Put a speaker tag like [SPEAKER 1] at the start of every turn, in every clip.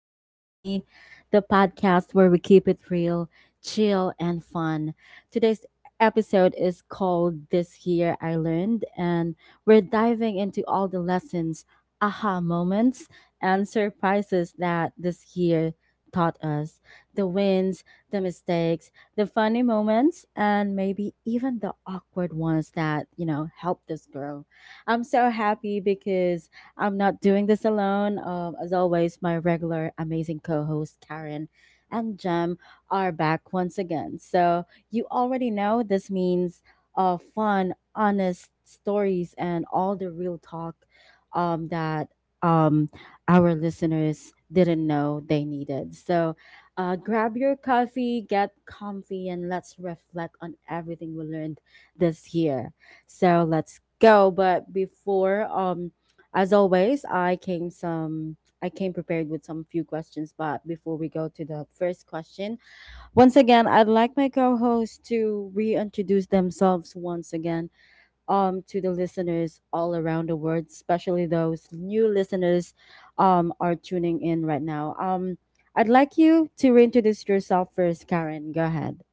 [SPEAKER 1] with Queenie, the podcast where we keep it real, chill, and fun. Today's episode is called This Year I Learned, and we're diving into all the lessons, aha moments, and surprises that this year taught us the wins, the mistakes, the funny moments, and maybe even the awkward ones that helped us grow. I'm so happy because I'm not doing this alone. As always, my regular amazing co host Karen and Jem are back once again. So, you already know this means fun, honest stories and all the real talk that um, our listeners didn't know they needed. So, grab your coffee, get comfy, and let's reflect on everything we learned this year. So, let's go. But before, as always, I came prepared with some few questions, but before we go to the first question, once again, I'd like my co-hosts to reintroduce themselves once again to the listeners all around the world, especially those new listeners are tuning in right now. I'd like you to reintroduce yourself first, Karen. Go ahead.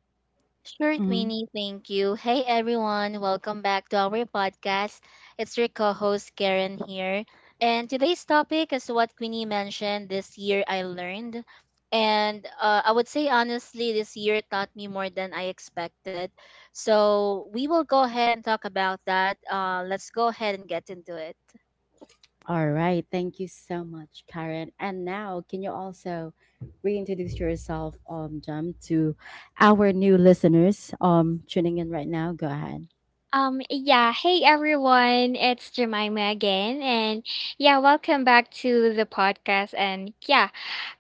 [SPEAKER 2] Sure, Queenie, thank you. Hey everyone, welcome back to our podcast. It's your co-host Karen here. And today's topic is what Queenie mentioned, this year I learned. And I would say honestly, this year taught me more than I expected. So we will go ahead and talk about that. Let's go ahead and get into it.
[SPEAKER 1] All right. Thank you so much, Karen. And now, can you also reintroduce yourself, Jump, to our new listeners tuning in right now? Go ahead.
[SPEAKER 3] Yeah, hey everyone, it's Jemima again, and yeah, welcome back to the podcast. And yeah,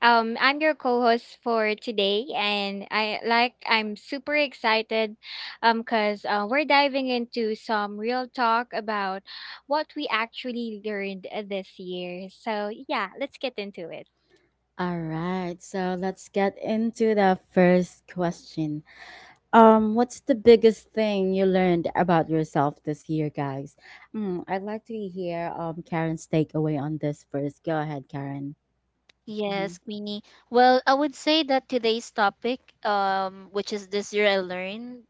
[SPEAKER 3] um, I'm your co host for today, and I'm super excited, because we're diving into some real talk about what we actually learned this year. So, yeah, let's get into it.
[SPEAKER 1] All right. So let's get into the first question. What's the biggest thing you learned about yourself this year, guys? I'd like to hear Karen's takeaway on this first. Go ahead, Karen. Mm-hmm.
[SPEAKER 2] Yes, Queenie. Well, I would say that today's topic, which is this year I learned,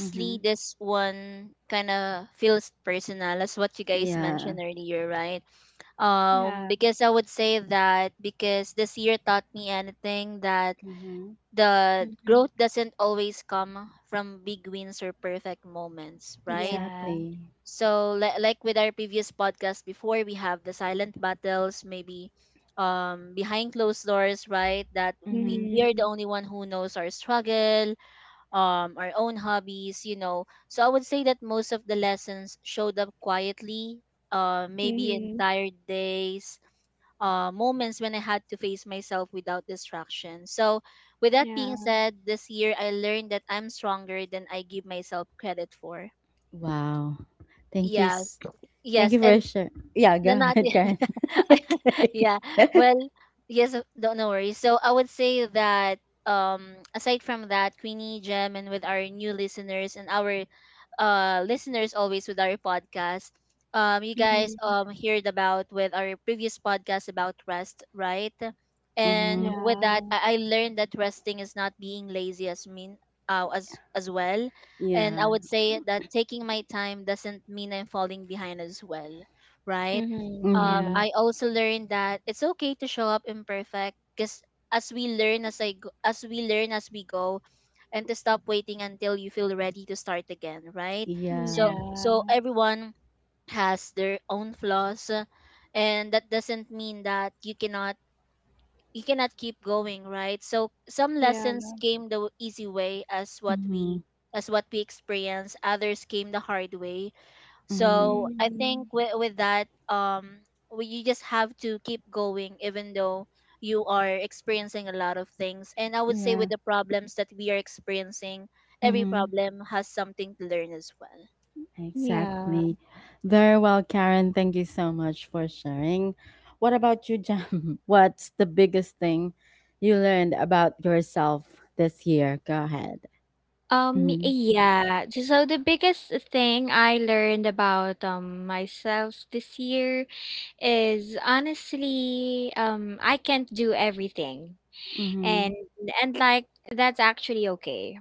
[SPEAKER 1] Mm-hmm.
[SPEAKER 2] this one kind of feels personal, as what you guys
[SPEAKER 1] Yeah.
[SPEAKER 2] mentioned earlier, right?
[SPEAKER 3] Yeah,
[SPEAKER 2] Because I would say that because this year taught me anything that
[SPEAKER 1] Mm-hmm.
[SPEAKER 2] the
[SPEAKER 3] hmm,
[SPEAKER 2] growth doesn't always come from big wins or perfect moments, right?
[SPEAKER 3] yeah,
[SPEAKER 1] Exactly.
[SPEAKER 2] So like with our previous podcast before, we have the silent battles, maybe behind closed doors, right? That we,
[SPEAKER 1] Mm-hmm.
[SPEAKER 2] we are
[SPEAKER 3] mm-hmm.
[SPEAKER 2] the only one who knows our struggle, our own hobbies, you know. So I would say that most of the lessons showed up quietly, maybe
[SPEAKER 3] Mm-hmm.
[SPEAKER 2] entire days, moments when I had to face myself without distraction. So, with that being
[SPEAKER 3] Yeah,
[SPEAKER 2] said, this year I learned that I'm stronger than I give myself credit for.
[SPEAKER 1] Wow. Thank you.
[SPEAKER 2] Yeah,
[SPEAKER 1] Thank
[SPEAKER 2] yes,
[SPEAKER 1] you for
[SPEAKER 2] and
[SPEAKER 1] sharing. Yeah, go
[SPEAKER 2] no, not
[SPEAKER 1] ahead,
[SPEAKER 2] yet.
[SPEAKER 1] Karen.
[SPEAKER 2] I,
[SPEAKER 1] Okay.
[SPEAKER 2] yeah. Well, yes, don't, no worries. So I would say that aside from that, Queenie, Gem, and with our new listeners and our listeners always with our podcast, you guys
[SPEAKER 3] mm-hmm.
[SPEAKER 2] heard about with our previous podcast about rest, right? And
[SPEAKER 1] Mm-hmm.
[SPEAKER 2] with that,
[SPEAKER 3] Yeah.
[SPEAKER 2] I learned that resting is not being lazy as mean as well. And I
[SPEAKER 1] Yeah.
[SPEAKER 2] would say that taking my time doesn't mean I'm falling behind as well, right?
[SPEAKER 3] Mm-hmm. Yeah.
[SPEAKER 1] Mm-hmm.
[SPEAKER 2] I also learned that it's okay to show up imperfect, because as we learn as I go, as we learn as we go, and to stop waiting until you feel ready to start again, right? So
[SPEAKER 1] Yeah.
[SPEAKER 3] Yeah,
[SPEAKER 2] so everyone has their own flaws, and that doesn't mean that you cannot keep going, right? So some
[SPEAKER 3] yeah,
[SPEAKER 2] lessons came the easy way
[SPEAKER 1] Mm-hmm.
[SPEAKER 2] as what we experience, others came the hard way,
[SPEAKER 1] Mm-hmm.
[SPEAKER 2] so I
[SPEAKER 3] mm,
[SPEAKER 2] think with that, we, you just have to keep going, even though you are experiencing a lot of things. And I would say with
[SPEAKER 1] Yeah.
[SPEAKER 2] the problems that we are experiencing, every
[SPEAKER 1] Mm-hmm.
[SPEAKER 2] problem has something to learn as well.
[SPEAKER 3] yeah.
[SPEAKER 1] Exactly.
[SPEAKER 2] Yeah.
[SPEAKER 1] Very well, Karen. Thank you so much for sharing. What about you, Jam? What's the biggest thing you learned about yourself this year? Go ahead.
[SPEAKER 3] Um,
[SPEAKER 1] Mm-hmm.
[SPEAKER 3] yeah. j- So the biggest thing I learned about myself this year is honestly, I can't do everything,
[SPEAKER 1] Mm-hmm.
[SPEAKER 3] and and like that's actually okay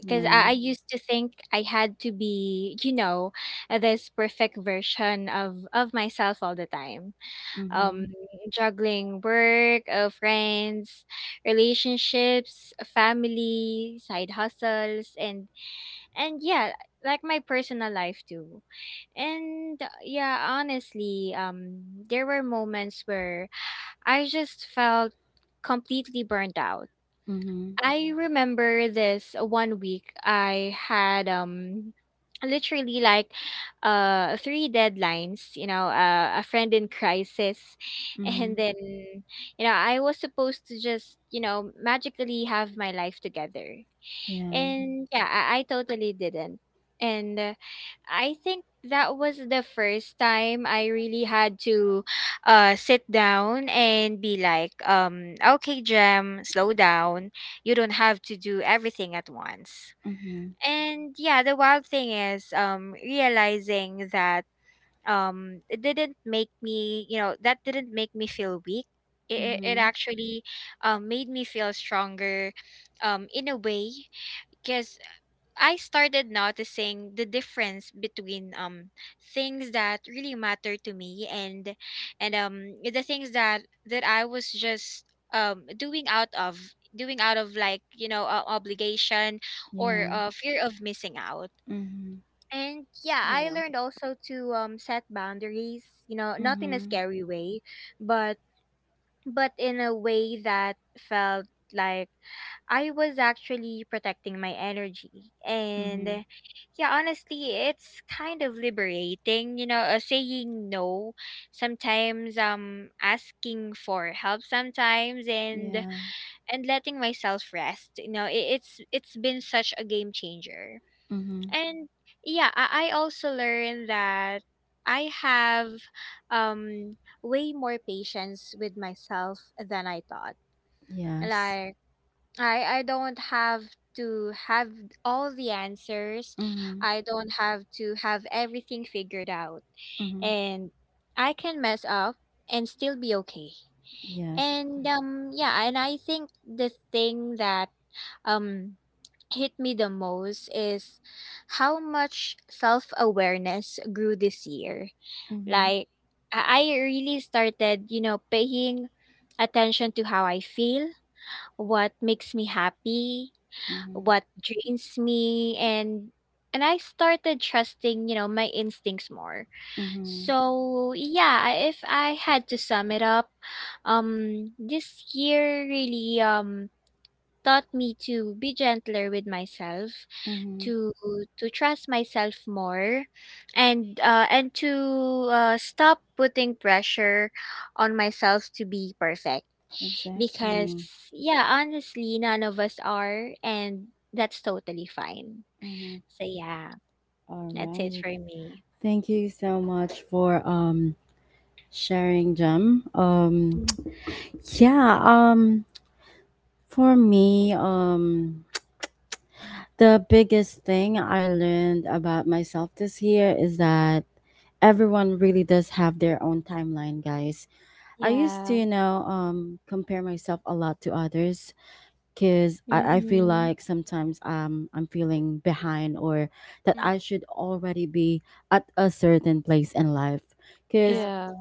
[SPEAKER 3] because I used to think I had to be, you know, this perfect version of myself all the time,
[SPEAKER 1] Mm-hmm.
[SPEAKER 3] um juggling work, friends, relationships, family, side hustles and yeah, like my personal life too. And honestly, there were moments where I just felt completely burned out.
[SPEAKER 1] Mm-hmm.
[SPEAKER 3] I remember this one week I had literally three deadlines, you know, a friend in crisis
[SPEAKER 1] Mm-hmm.
[SPEAKER 3] and then you know I was supposed to just, you know, magically have my life together
[SPEAKER 1] Yeah.
[SPEAKER 3] and yeah, I totally didn't. And I think that was the first time I really had to sit down and be like, okay, Jem, slow down. You don't have to do everything at once.
[SPEAKER 1] Mm-hmm.
[SPEAKER 3] And yeah, the wild thing is realizing that it didn't make me, you know, that didn't make me feel weak. It
[SPEAKER 1] Mhm.
[SPEAKER 3] actually made me feel stronger in a way. Because I started noticing the difference between things that really matter to me and the things that I was just um doing out of doing out of like, you know, obligation or
[SPEAKER 1] Yeah.
[SPEAKER 3] fear of missing out.
[SPEAKER 1] Mhm.
[SPEAKER 3] And yeah, I
[SPEAKER 2] Yeah.
[SPEAKER 3] learned also to set boundaries, you know, not in a
[SPEAKER 1] Mhm.
[SPEAKER 3] scary way, but in a way that felt like I was actually protecting my energy. And
[SPEAKER 1] Mhm.
[SPEAKER 3] yeah, honestly, it's kind of liberating, you know, saying no sometimes, asking for help sometimes and
[SPEAKER 1] Yeah.
[SPEAKER 3] and letting myself rest. You know, it's been such a game changer.
[SPEAKER 1] Mhm.
[SPEAKER 3] And yeah, I also learned that I have um way more patience with myself than I thought.
[SPEAKER 1] Yes.
[SPEAKER 3] Like I don't have to have all the answers.
[SPEAKER 1] Mhm.
[SPEAKER 3] I don't have to have everything figured out.
[SPEAKER 1] Mhm.
[SPEAKER 3] And I can mess up and still be okay.
[SPEAKER 1] Yes.
[SPEAKER 3] And yeah, and I think the thing that um hit me the most is how much self-awareness grew this year.
[SPEAKER 1] Mhm.
[SPEAKER 3] Like I really started, you know, paying attention to how I feel, what makes me happy,
[SPEAKER 1] Mhm.
[SPEAKER 3] what drains me and I started trusting, you know, my instincts more.
[SPEAKER 1] Mhm.
[SPEAKER 3] So, if I had to sum it up, this year really taught me to be gentler with myself,
[SPEAKER 1] Mhm.
[SPEAKER 3] to trust myself more and to stop putting pressure on myself to be perfect, because
[SPEAKER 1] Exactly.
[SPEAKER 3] yeah, honestly, none of us are, and that's totally fine.
[SPEAKER 1] Mhm.
[SPEAKER 3] So yeah,
[SPEAKER 1] All
[SPEAKER 3] that's it
[SPEAKER 1] right.
[SPEAKER 3] for me.
[SPEAKER 1] Thank you so much for sharing, Jam.
[SPEAKER 3] Mm.
[SPEAKER 1] Yeah. For me. The biggest thing I learned about myself this year is that everyone really does have their own timeline, guys. I used to,
[SPEAKER 3] Yeah,
[SPEAKER 1] you know, um, compare myself a lot to others because I feel
[SPEAKER 3] mm-hmm.
[SPEAKER 1] like sometimes I'm feeling behind or that
[SPEAKER 2] Mm.
[SPEAKER 1] I should already be at a certain place in life. Because
[SPEAKER 2] Yeah.
[SPEAKER 3] Yeah,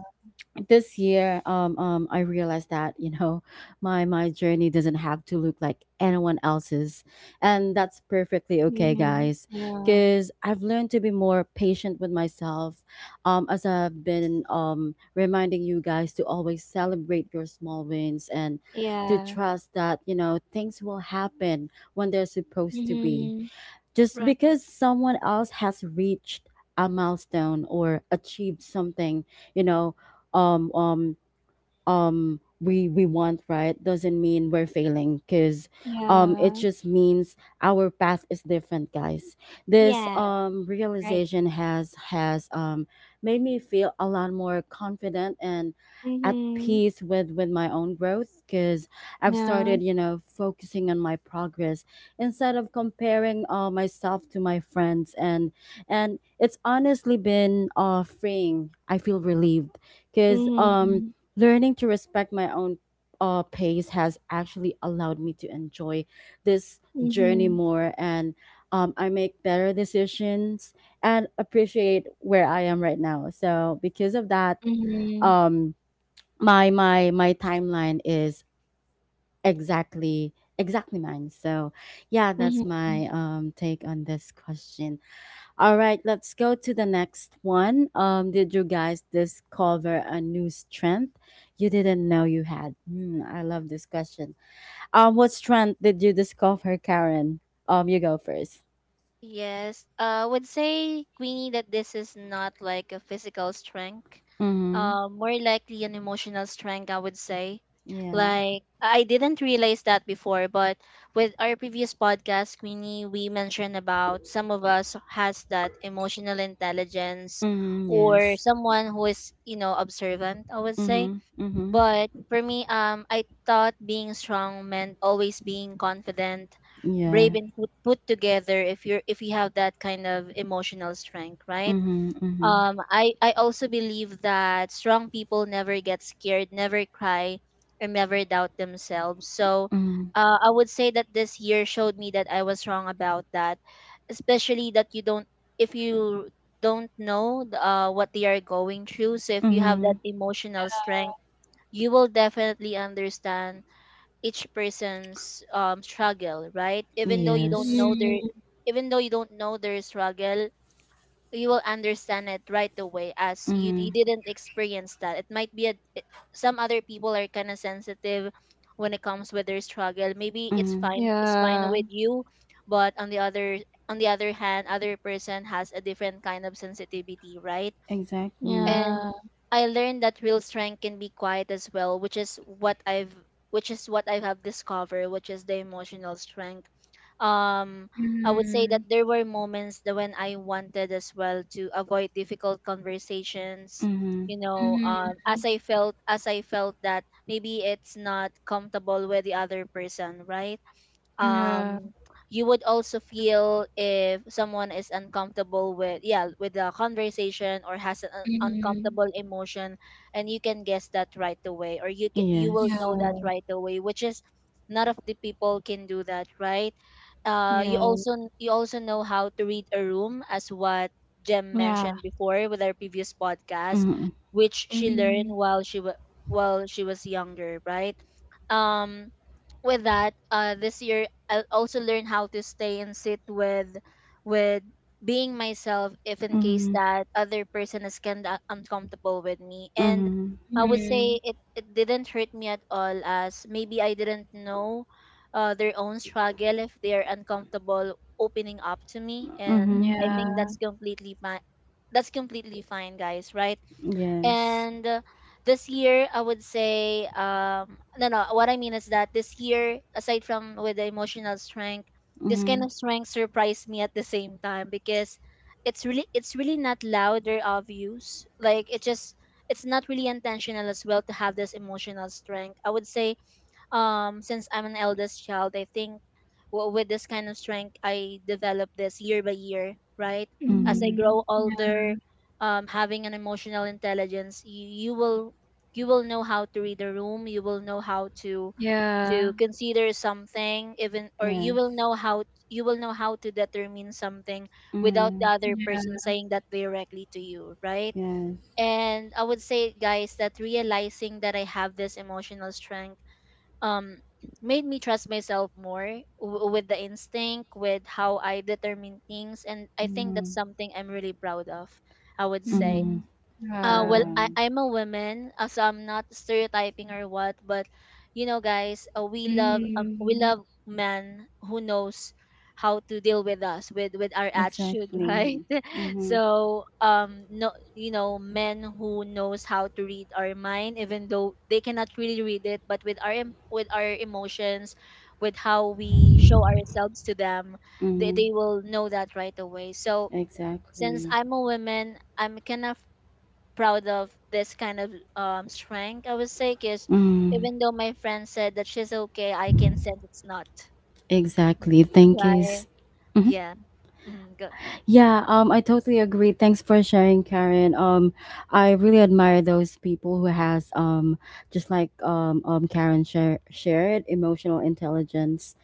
[SPEAKER 1] this year I realized that my journey doesn't have to look like anyone else's, and that's perfectly okay,
[SPEAKER 3] mm-hmm.
[SPEAKER 1] guys.
[SPEAKER 3] Yeah,
[SPEAKER 1] Because I've learned to be more patient with myself, as I've been reminding you guys to always celebrate your small wins and to
[SPEAKER 3] yeah,
[SPEAKER 1] trust that things will happen when they're supposed to be.
[SPEAKER 3] mm-hmm.
[SPEAKER 1] Just because
[SPEAKER 2] Right.
[SPEAKER 1] someone else has reached a milestone or achieved something, you know, um, um, we want, right, doesn't mean we're failing because it
[SPEAKER 3] Yeah,
[SPEAKER 1] just means our path is different, guys. This
[SPEAKER 3] yeah, right,
[SPEAKER 1] realization has made me feel a lot more confident and at
[SPEAKER 3] mm-hmm.
[SPEAKER 1] peace with my own growth because I've
[SPEAKER 3] Yeah,
[SPEAKER 1] started focusing on my progress instead of comparing myself to my friends, and it's honestly been freeing. I feel relieved because um
[SPEAKER 3] mm-hmm.
[SPEAKER 1] Learning to respect my own pace has actually allowed me to enjoy this journey
[SPEAKER 3] Mm-hmm.
[SPEAKER 1] more, and I make better decisions and appreciate where I am right now. So because of that,
[SPEAKER 3] Mhm.
[SPEAKER 1] um, my my timeline is exactly mine. So yeah, that's
[SPEAKER 3] Mhm.
[SPEAKER 1] my take on this question. All right, let's go to the next one. Did you guys discover a new strength you didn't know you had? I love this question. What strength did you discover, Karen? You go first.
[SPEAKER 2] Yes, I would say, Queenie, that this is not like a physical strength,
[SPEAKER 1] Mm-hmm.
[SPEAKER 2] more likely an emotional strength, I would say.
[SPEAKER 1] Yeah.
[SPEAKER 2] Like, I didn't realize that before, but with our previous podcast, Queenie, we mentioned about some of us has that emotional intelligence,
[SPEAKER 1] Mm-hmm.
[SPEAKER 2] or
[SPEAKER 1] Yes.
[SPEAKER 2] someone who is, you know, observant, I would say.
[SPEAKER 1] Mm-hmm. Mm-hmm.
[SPEAKER 2] But for me, I thought being strong meant always being confident,
[SPEAKER 1] Yeah.
[SPEAKER 2] brave, and put together. If you're, if you have that kind of emotional strength, right?
[SPEAKER 1] Mm-hmm. Mm-hmm.
[SPEAKER 2] I also believe that strong people never get scared, never cry, and never doubt themselves. So.
[SPEAKER 1] Mm-hmm.
[SPEAKER 2] I would say that this year showed me that I was wrong about that, especially that you don't, if you don't know what they are going through. So if you have
[SPEAKER 1] Mm-hmm.
[SPEAKER 2] that emotional strength, you will definitely understand each person's struggle, right? Even though you don't
[SPEAKER 1] Yes.
[SPEAKER 2] know their
[SPEAKER 3] Mhm.
[SPEAKER 2] even though you don't know their struggle, you will understand it right away. As you,
[SPEAKER 1] Mm-hmm.
[SPEAKER 2] you didn't experience that, it might be a some other people are kind of sensitive when it comes with their struggle. Maybe it's
[SPEAKER 1] Mm-hmm.
[SPEAKER 2] fine, it's fine
[SPEAKER 3] Yeah.
[SPEAKER 2] with you, but on the other hand, other person has a different kind of sensitivity, right?
[SPEAKER 1] Exactly.
[SPEAKER 3] Yeah.
[SPEAKER 2] And I learned that real strength can be quiet as well, which is what I've which is what I have discovered, which is the emotional strength. Um, I would say
[SPEAKER 3] Mhm.
[SPEAKER 2] that there were moments that when I wanted as well to avoid difficult conversations,
[SPEAKER 1] Mm-hmm.
[SPEAKER 2] you know,
[SPEAKER 3] Mhm.
[SPEAKER 2] as I felt that maybe it's not comfortable with the other person, right?
[SPEAKER 3] Yeah.
[SPEAKER 2] um you would also feel if someone is uncomfortable with, yeah, with the conversation or has an
[SPEAKER 3] Mhm.
[SPEAKER 2] uncomfortable emotion, and you can guess that right away, or you you will
[SPEAKER 3] Yeah.
[SPEAKER 1] Yes.
[SPEAKER 2] know that right away, which is none of the people can do that, right?
[SPEAKER 3] Yeah.
[SPEAKER 2] You also know how to read a room, as what Jem
[SPEAKER 3] Yeah.
[SPEAKER 2] mentioned before with our previous podcast,
[SPEAKER 1] Mm-hmm.
[SPEAKER 2] which she learned
[SPEAKER 3] Mhm.
[SPEAKER 2] while she was younger, right? um with that, this year I also learned how to stay and sit with being myself, if in case
[SPEAKER 1] Mm-hmm.
[SPEAKER 2] that other person is kind of uncomfortable with me. And
[SPEAKER 1] Mm-hmm.
[SPEAKER 2] I would say
[SPEAKER 3] Mhm.
[SPEAKER 2] it didn't hurt me at all, as maybe I didn't know their own struggle. If they are uncomfortable opening up to me, and
[SPEAKER 1] Mm-hmm.
[SPEAKER 2] I
[SPEAKER 3] Yeah.
[SPEAKER 2] think
[SPEAKER 1] Mm-hmm.
[SPEAKER 2] that's completely fine, that's completely fine, guys, right?
[SPEAKER 1] Yes.
[SPEAKER 2] and this year, I would say, no, no, what I mean is that this year, aside from with the emotional strength, this kind
[SPEAKER 1] Mhm.
[SPEAKER 2] of strength surprised me at the same time because it's really not loud or obvious. Like it just, it's not really intentional as well to have this emotional strength. I would say since I'm an eldest child, I think with this kind of strength I develop this year by year, right? As I
[SPEAKER 1] Mhm.
[SPEAKER 3] Mhm.
[SPEAKER 2] grow
[SPEAKER 3] Yeah.
[SPEAKER 2] older, having an emotional intelligence, you will know how to read a room. You will know how
[SPEAKER 3] Yeah.
[SPEAKER 2] to consider something, even, or you will
[SPEAKER 1] Yes.
[SPEAKER 2] know how you will know how to determine something without the
[SPEAKER 1] Mhm.
[SPEAKER 2] other person
[SPEAKER 3] Yeah.
[SPEAKER 2] saying that directly to you, right?
[SPEAKER 1] Yes.
[SPEAKER 2] And I would say, guys, that realizing that I have this emotional strength um made me trust myself more with the instinct, with how I determine things, and I think that's
[SPEAKER 1] Mhm.
[SPEAKER 2] something I'm really proud of, I would say.
[SPEAKER 1] Mhm.
[SPEAKER 3] Mhm.
[SPEAKER 2] Well,
[SPEAKER 3] Wow.
[SPEAKER 1] Wow.
[SPEAKER 2] I'm a woman, so I'm not stereotyping or what, but you know, guys, we
[SPEAKER 3] Mhm.
[SPEAKER 2] love men who knows how to deal with us with our attitude, right?
[SPEAKER 1] Exactly. Mhm.
[SPEAKER 2] So, no, you know, men who knows how to read our mind, even though they cannot really read it, but with our with our emotions, with how we show ourselves to them,
[SPEAKER 1] Mhm.
[SPEAKER 2] they will know that right away. So, since
[SPEAKER 1] Exactly.
[SPEAKER 2] I'm a woman, I'm kind of proud of this kind of strength, I would say, because
[SPEAKER 1] Mm.
[SPEAKER 2] even though my friend said that she's okay, I can sense it's not.
[SPEAKER 1] Exactly. Thank you.
[SPEAKER 2] Right. Yeah. Mm, good.
[SPEAKER 1] Yeah, I totally agree. Thanks for sharing, Karen. I really admire those people who has just like Karen shared emotional intelligence,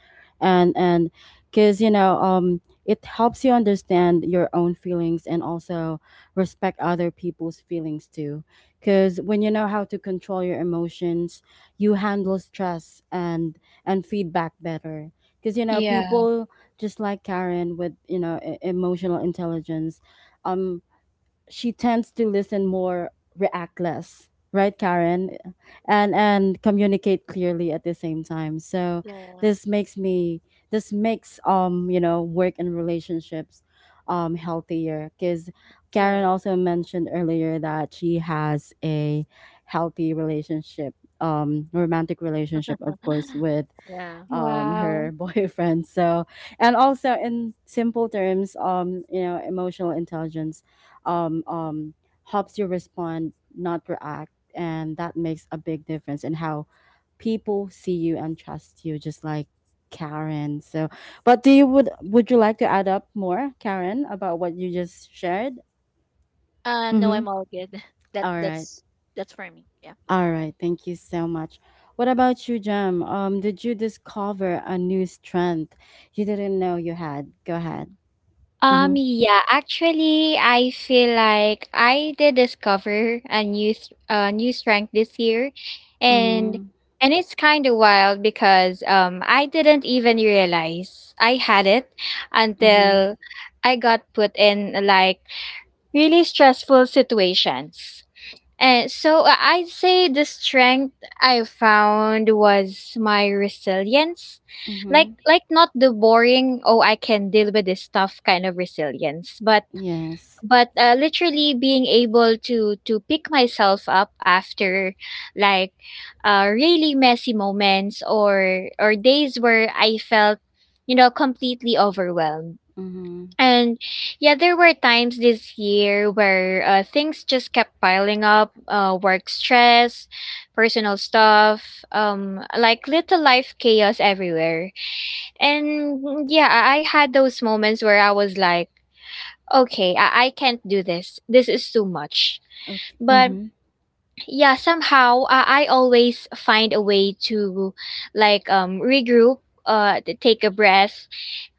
[SPEAKER 1] and because it helps you understand your own feelings and also respect other people's feelings too. Because when you know how to control your emotions, you handle stress and feedback better. Because
[SPEAKER 2] Yeah.
[SPEAKER 3] Yeah.
[SPEAKER 1] people just like Karen with emotional intelligence, um, she tends to listen more, react less, right, Karen, and communicate clearly at the same time. So
[SPEAKER 2] Yeah.
[SPEAKER 1] this makes me this makes work and relationships healthier because Karen
[SPEAKER 2] Right.
[SPEAKER 1] also mentioned earlier that she has a healthy relationship, romantic relationship, of course, with
[SPEAKER 2] Yeah.
[SPEAKER 3] Wow.
[SPEAKER 1] her boyfriend. So, and also in simple terms, emotional intelligence um um helps you respond, not react, and that makes a big difference in how people see you and trust you, just like Karen. So, but do you would you like to add up more, Karen, about what you just shared?
[SPEAKER 2] No,
[SPEAKER 1] Mm-hmm.
[SPEAKER 2] I'm all good. That
[SPEAKER 1] All right.
[SPEAKER 2] that's that's for me. Yeah.
[SPEAKER 1] All right, thank you so much. What about you, Jam? Did you discover a new strength you didn't know you had? Go ahead. Mm-hmm.
[SPEAKER 3] Yeah, actually, I feel like I did discover a new strength this year, and
[SPEAKER 1] Mm-hmm.
[SPEAKER 3] it's kind of wild because I didn't even realize I had it
[SPEAKER 1] Mm-hmm.
[SPEAKER 3] until I got put in like really stressful situations. And so I'd say the strength I found was my resilience. Like
[SPEAKER 1] Mm-hmm.
[SPEAKER 3] like not the boring, oh, I can deal with this stuff kind of resilience, but
[SPEAKER 1] Yes.
[SPEAKER 3] literally being able to pick myself up after like really messy moments or days where I felt, you know, completely overwhelmed.
[SPEAKER 1] Mm-hmm.
[SPEAKER 3] And yeah, there were times this year where things just kept piling up, work stress, personal stuff, like little life chaos everywhere. And yeah, I had those moments where I was like, okay, I can't do this. This is too much.
[SPEAKER 1] Okay.
[SPEAKER 3] But
[SPEAKER 1] Mm-hmm.
[SPEAKER 3] yeah, somehow I always find a way to regroup, take a breath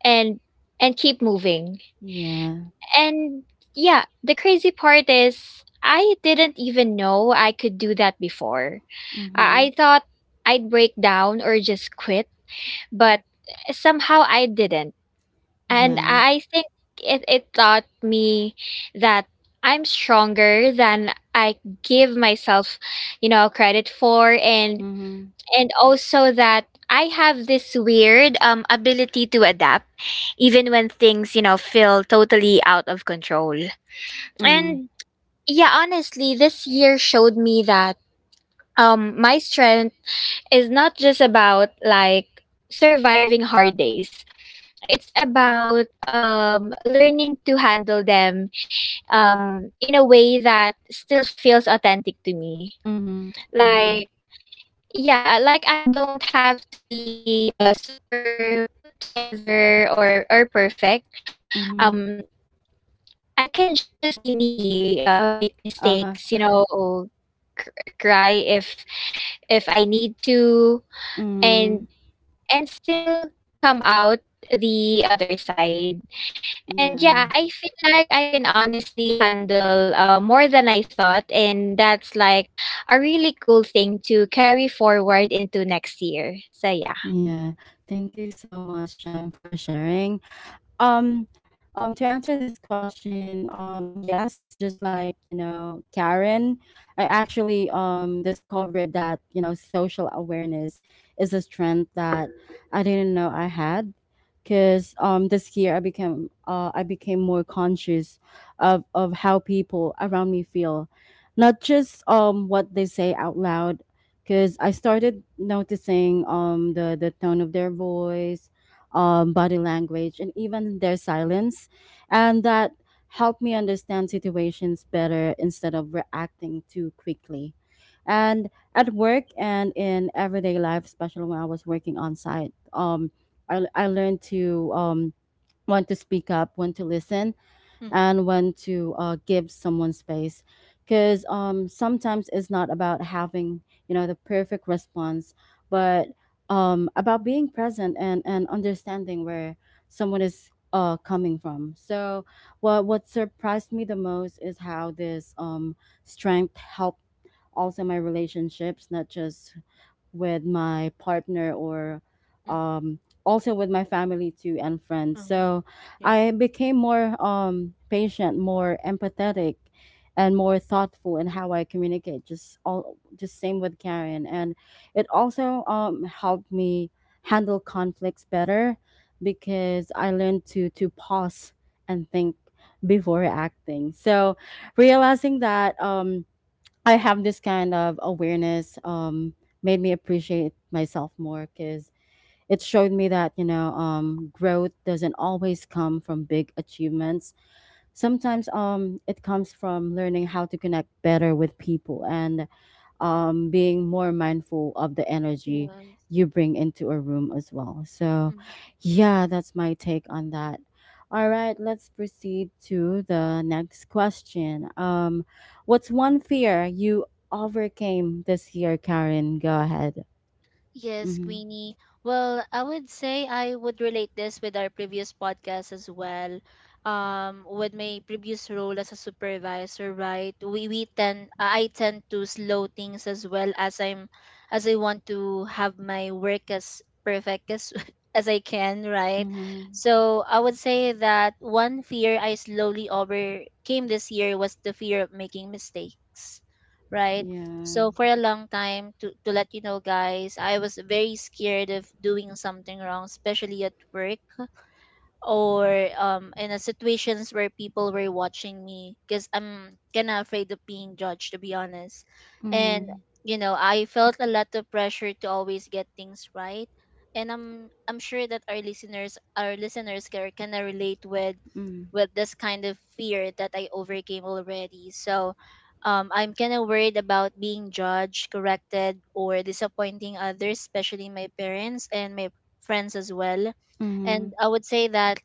[SPEAKER 3] and keep moving.
[SPEAKER 1] Yeah.
[SPEAKER 3] And yeah, the crazy part is I didn't even know I could do that before. I,
[SPEAKER 1] Mm-hmm.
[SPEAKER 3] I thought I'd break down or just quit, but
[SPEAKER 2] Mm.
[SPEAKER 3] somehow I didn't. And
[SPEAKER 1] Yeah.
[SPEAKER 3] I think it taught me that I'm stronger than I give myself, you know, credit for, and
[SPEAKER 1] Mm-hmm.
[SPEAKER 3] also that I have this weird ability to adapt even when things, you know, feel totally out of control. And
[SPEAKER 1] Mm-hmm.
[SPEAKER 3] yeah, honestly, this year showed me that my strength is not just about like surviving hard days. It's about learning to handle them in a way that still feels authentic to me.
[SPEAKER 1] Mm-hmm.
[SPEAKER 3] Like
[SPEAKER 1] Mm-hmm.
[SPEAKER 3] like I don't have to be super put together or perfect.
[SPEAKER 1] Mm-hmm.
[SPEAKER 3] Um I can just be me, make
[SPEAKER 1] Uh-huh.
[SPEAKER 3] mistakes, you know, cry if I need to,
[SPEAKER 1] Mm-hmm.
[SPEAKER 3] and still come out the other side. And
[SPEAKER 1] Yeah.
[SPEAKER 3] yeah, I feel like I can honestly handle more than I thought, and that's like a really cool thing to carry forward into next year. So yeah.
[SPEAKER 1] Yeah. Thank you so much, Jam, for sharing. Um, to answer this question, yes, just like Karen, I actually discovered that social awareness is a strength that I didn't know I had, because this year I became more conscious of how people around me feel, not just what they say out loud. Because I started noticing the tone of their voice, body language, and even their silence. And that helped me understand situations better instead of reacting too quickly. And at work and in everyday life, especially when I was working on site, I learned to, want to speak up, want to listen,
[SPEAKER 2] Mm,
[SPEAKER 1] and when to give someone space, because sometimes it's not about having the perfect response, but about being present and, understanding where someone is coming from. So what surprised me the most is how this strength helped also my relationships, not just with my partner, or
[SPEAKER 2] mm,
[SPEAKER 1] um, also with my family too, and friends.
[SPEAKER 2] mm.
[SPEAKER 1] So
[SPEAKER 2] Yeah.
[SPEAKER 1] I became more patient, more empathetic, and more thoughtful in how I communicate. Just all just same with Karen, and it also helped me handle conflicts better because I learned to pause and think before acting. So realizing that. I have this kind of awareness, made me appreciate myself more because it showed me that growth doesn't always come from big achievements. Sometimes it comes from learning how to connect better with people, and being more mindful of the energy
[SPEAKER 2] Yes.
[SPEAKER 1] you bring into a room as well. So,
[SPEAKER 2] Mm.
[SPEAKER 1] yeah, that's my take on that. All right, let's proceed to the next question. What's one fear you overcame this year, Karen? Go ahead.
[SPEAKER 2] Yes,
[SPEAKER 1] Mm-hmm.
[SPEAKER 2] Queenie. Well, I would say I would relate this with our previous podcast as well. With my previous role as a supervisor, right? We tend, I tend to slow things as well as I'm as I want to have my work as perfect as as I can, right?
[SPEAKER 1] Mm-hmm.
[SPEAKER 2] So I would say that one fear I slowly overcame this year was the fear of making mistakes, right?
[SPEAKER 1] Yeah.
[SPEAKER 2] So for a long time, to let you know, guys, I was very scared of doing something wrong, especially at work or in a situations where people were watching me, because I'm kinda afraid of being judged, to be honest. And
[SPEAKER 1] Mm-hmm.
[SPEAKER 2] you know, I felt a lot of pressure to always get things right, and I'm sure that our listeners can relate with this kind of fear that I overcame already. So I'm kind of worried about being judged, corrected, or disappointing others, especially my parents and my friends as well.
[SPEAKER 1] Mm-hmm.
[SPEAKER 2] And I would say that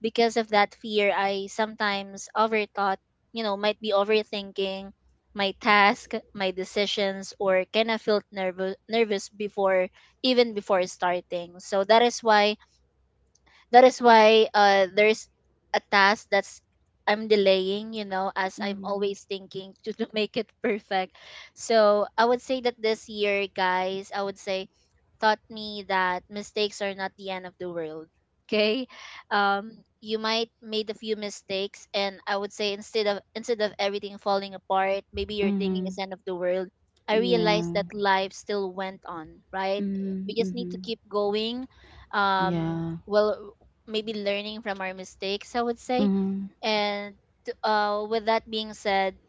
[SPEAKER 2] because of that fear, I sometimes overthought, you know, might be overthinking my task, my decisions, or kind of felt nervous before even before starting. So that is why there's a task that's I'm delaying, you know, as I'm
[SPEAKER 1] Mm-hmm.
[SPEAKER 2] always thinking to make it perfect. So I would say that this year, guys, I would say taught me that mistakes are not the end of the world. Okay. Um you might made a few mistakes, and I would say instead of everything falling apart, maybe you're thinking
[SPEAKER 1] Mm-hmm.
[SPEAKER 2] it's end of the world. I
[SPEAKER 1] Yeah.
[SPEAKER 2] realized that life still went on, right? We
[SPEAKER 1] Mm-hmm.
[SPEAKER 2] just need to
[SPEAKER 1] Mm-hmm.
[SPEAKER 2] keep going,
[SPEAKER 1] Yeah.
[SPEAKER 2] well, maybe learning from our mistakes, I would say.
[SPEAKER 1] Mm-hmm.
[SPEAKER 2] And with that being said,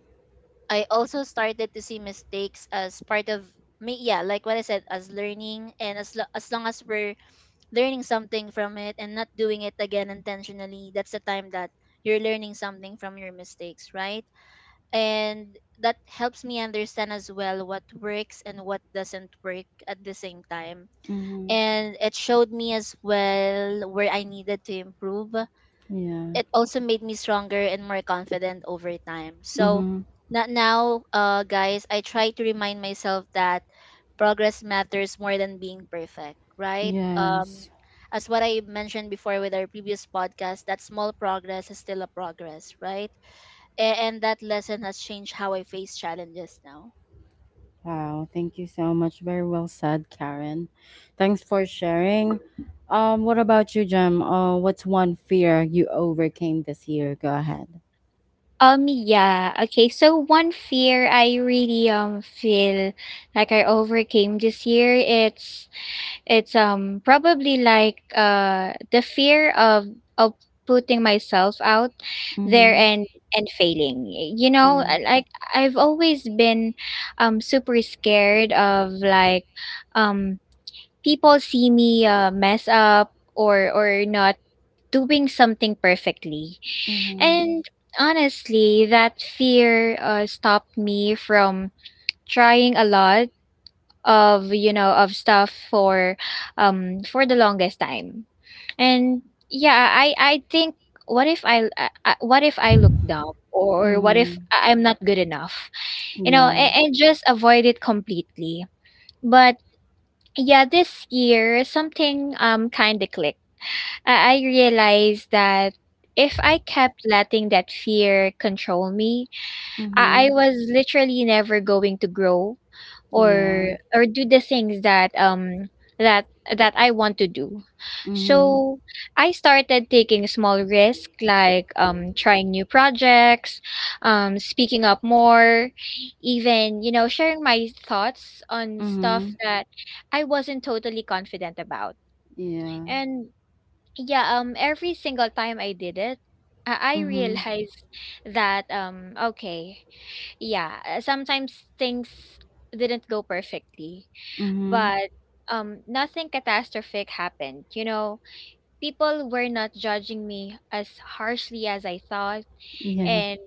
[SPEAKER 2] I also started to see mistakes as part of me. Yeah, like what I said, as learning, and as as long as we're learning something from it and not doing it again intentionally, that's the time that you're learning something from your mistakes, right? And that helps me understand as well what works and what doesn't work at the same time.
[SPEAKER 1] Mm-hmm.
[SPEAKER 2] And it showed me as well where I needed to improve.
[SPEAKER 1] Yeah.
[SPEAKER 2] It also made me stronger and more confident over time. So
[SPEAKER 1] Mm-hmm.
[SPEAKER 2] now, guys, I try to remind myself that progress matters more than being perfect, right?
[SPEAKER 1] Yes.
[SPEAKER 2] As what I mentioned before with our previous podcast, that small progress is still a progress, right? A- and that lesson has changed how I face challenges now.
[SPEAKER 1] Wow. Thank you so much. Very well said, Karen. Thanks for sharing. What about you, Jem? What's one fear you overcame this year? Go ahead.
[SPEAKER 3] Yeah. Okay. So one fear I really feel like I overcame this year, it's probably like the fear of of putting myself out there
[SPEAKER 1] Mm-hmm.
[SPEAKER 3] and failing. You know,
[SPEAKER 1] Yeah.
[SPEAKER 3] I've always been super scared of um people see me mess up or not doing something perfectly,
[SPEAKER 1] Mm-hmm.
[SPEAKER 3] and honestly, that fear stopped me from trying a lot of, you know, of stuff for the longest time. And yeah, I think what if I look dumb or what if
[SPEAKER 1] Mm-hmm.
[SPEAKER 3] I- I'm not good enough? You know,
[SPEAKER 1] Yeah.
[SPEAKER 3] and just avoid it completely. But yeah, this year something kind of clicked. I realized that if I kept letting that fear control me, I
[SPEAKER 1] Mm-hmm.
[SPEAKER 3] was literally never going to grow
[SPEAKER 1] Yeah.
[SPEAKER 3] or do the things that that that I want to do.
[SPEAKER 1] Mm-hmm.
[SPEAKER 3] So I started taking small risks, like trying new projects, speaking up more, even, you know, sharing my thoughts on stuff
[SPEAKER 1] Mm-hmm.
[SPEAKER 3] that I wasn't totally confident about.
[SPEAKER 1] Yeah.
[SPEAKER 3] And yeah, every single time I did it, I
[SPEAKER 1] Mm-hmm.
[SPEAKER 3] realized that yeah sometimes things didn't go perfectly,
[SPEAKER 1] Mm-hmm.
[SPEAKER 3] but nothing catastrophic happened. You know, people were not judging me as harshly as I thought,
[SPEAKER 1] Yeah.
[SPEAKER 3] and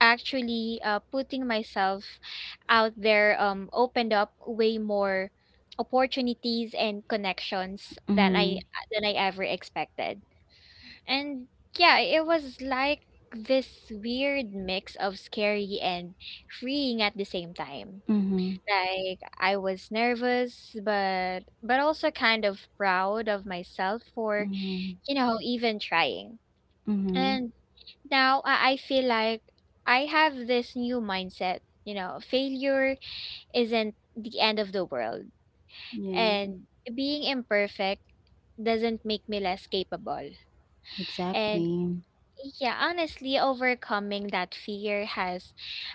[SPEAKER 3] actually putting myself out there opened up way more opportunities and connections than i
[SPEAKER 1] Mm-hmm.
[SPEAKER 3] than i ever expected. And yeah, it was like this weird mix of scary and freeing at the same time.
[SPEAKER 1] Mm-hmm.
[SPEAKER 3] Like I was nervous, but also kind of proud of myself for,
[SPEAKER 1] Mm-hmm.
[SPEAKER 3] you know, even trying.
[SPEAKER 1] Mm-hmm.
[SPEAKER 3] And now I feel like I have this new mindset. You know, failure isn't the end of the world,
[SPEAKER 1] Yeah.
[SPEAKER 3] and being imperfect doesn't make me less capable. And
[SPEAKER 1] Exactly.
[SPEAKER 3] yeah, honestly, overcoming that fear has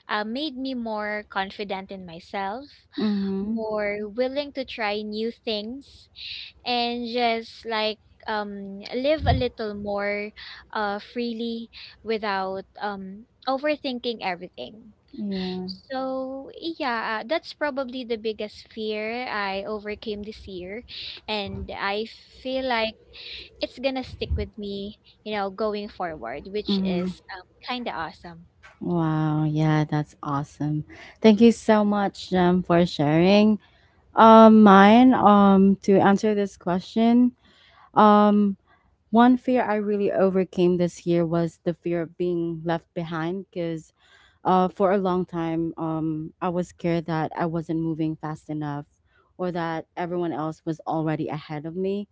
[SPEAKER 3] made me more confident in myself,
[SPEAKER 1] Mm-hmm.
[SPEAKER 3] more willing to try new things, and just like live a little more freely without overthinking everything.
[SPEAKER 1] Yeah.
[SPEAKER 3] So, yeah, that's probably the biggest fear I overcame this year. And I feel like it's gonna stick with me, you know, going forward, which
[SPEAKER 1] Mm-hmm.
[SPEAKER 3] is kind of awesome.
[SPEAKER 1] Wow, yeah, that's awesome. Thank you so much, for sharing. Mine, to answer this question, um, one fear I really overcame this year was the fear of being left behind because for a long time, I was scared that I wasn't moving fast enough or that everyone else was already ahead of me.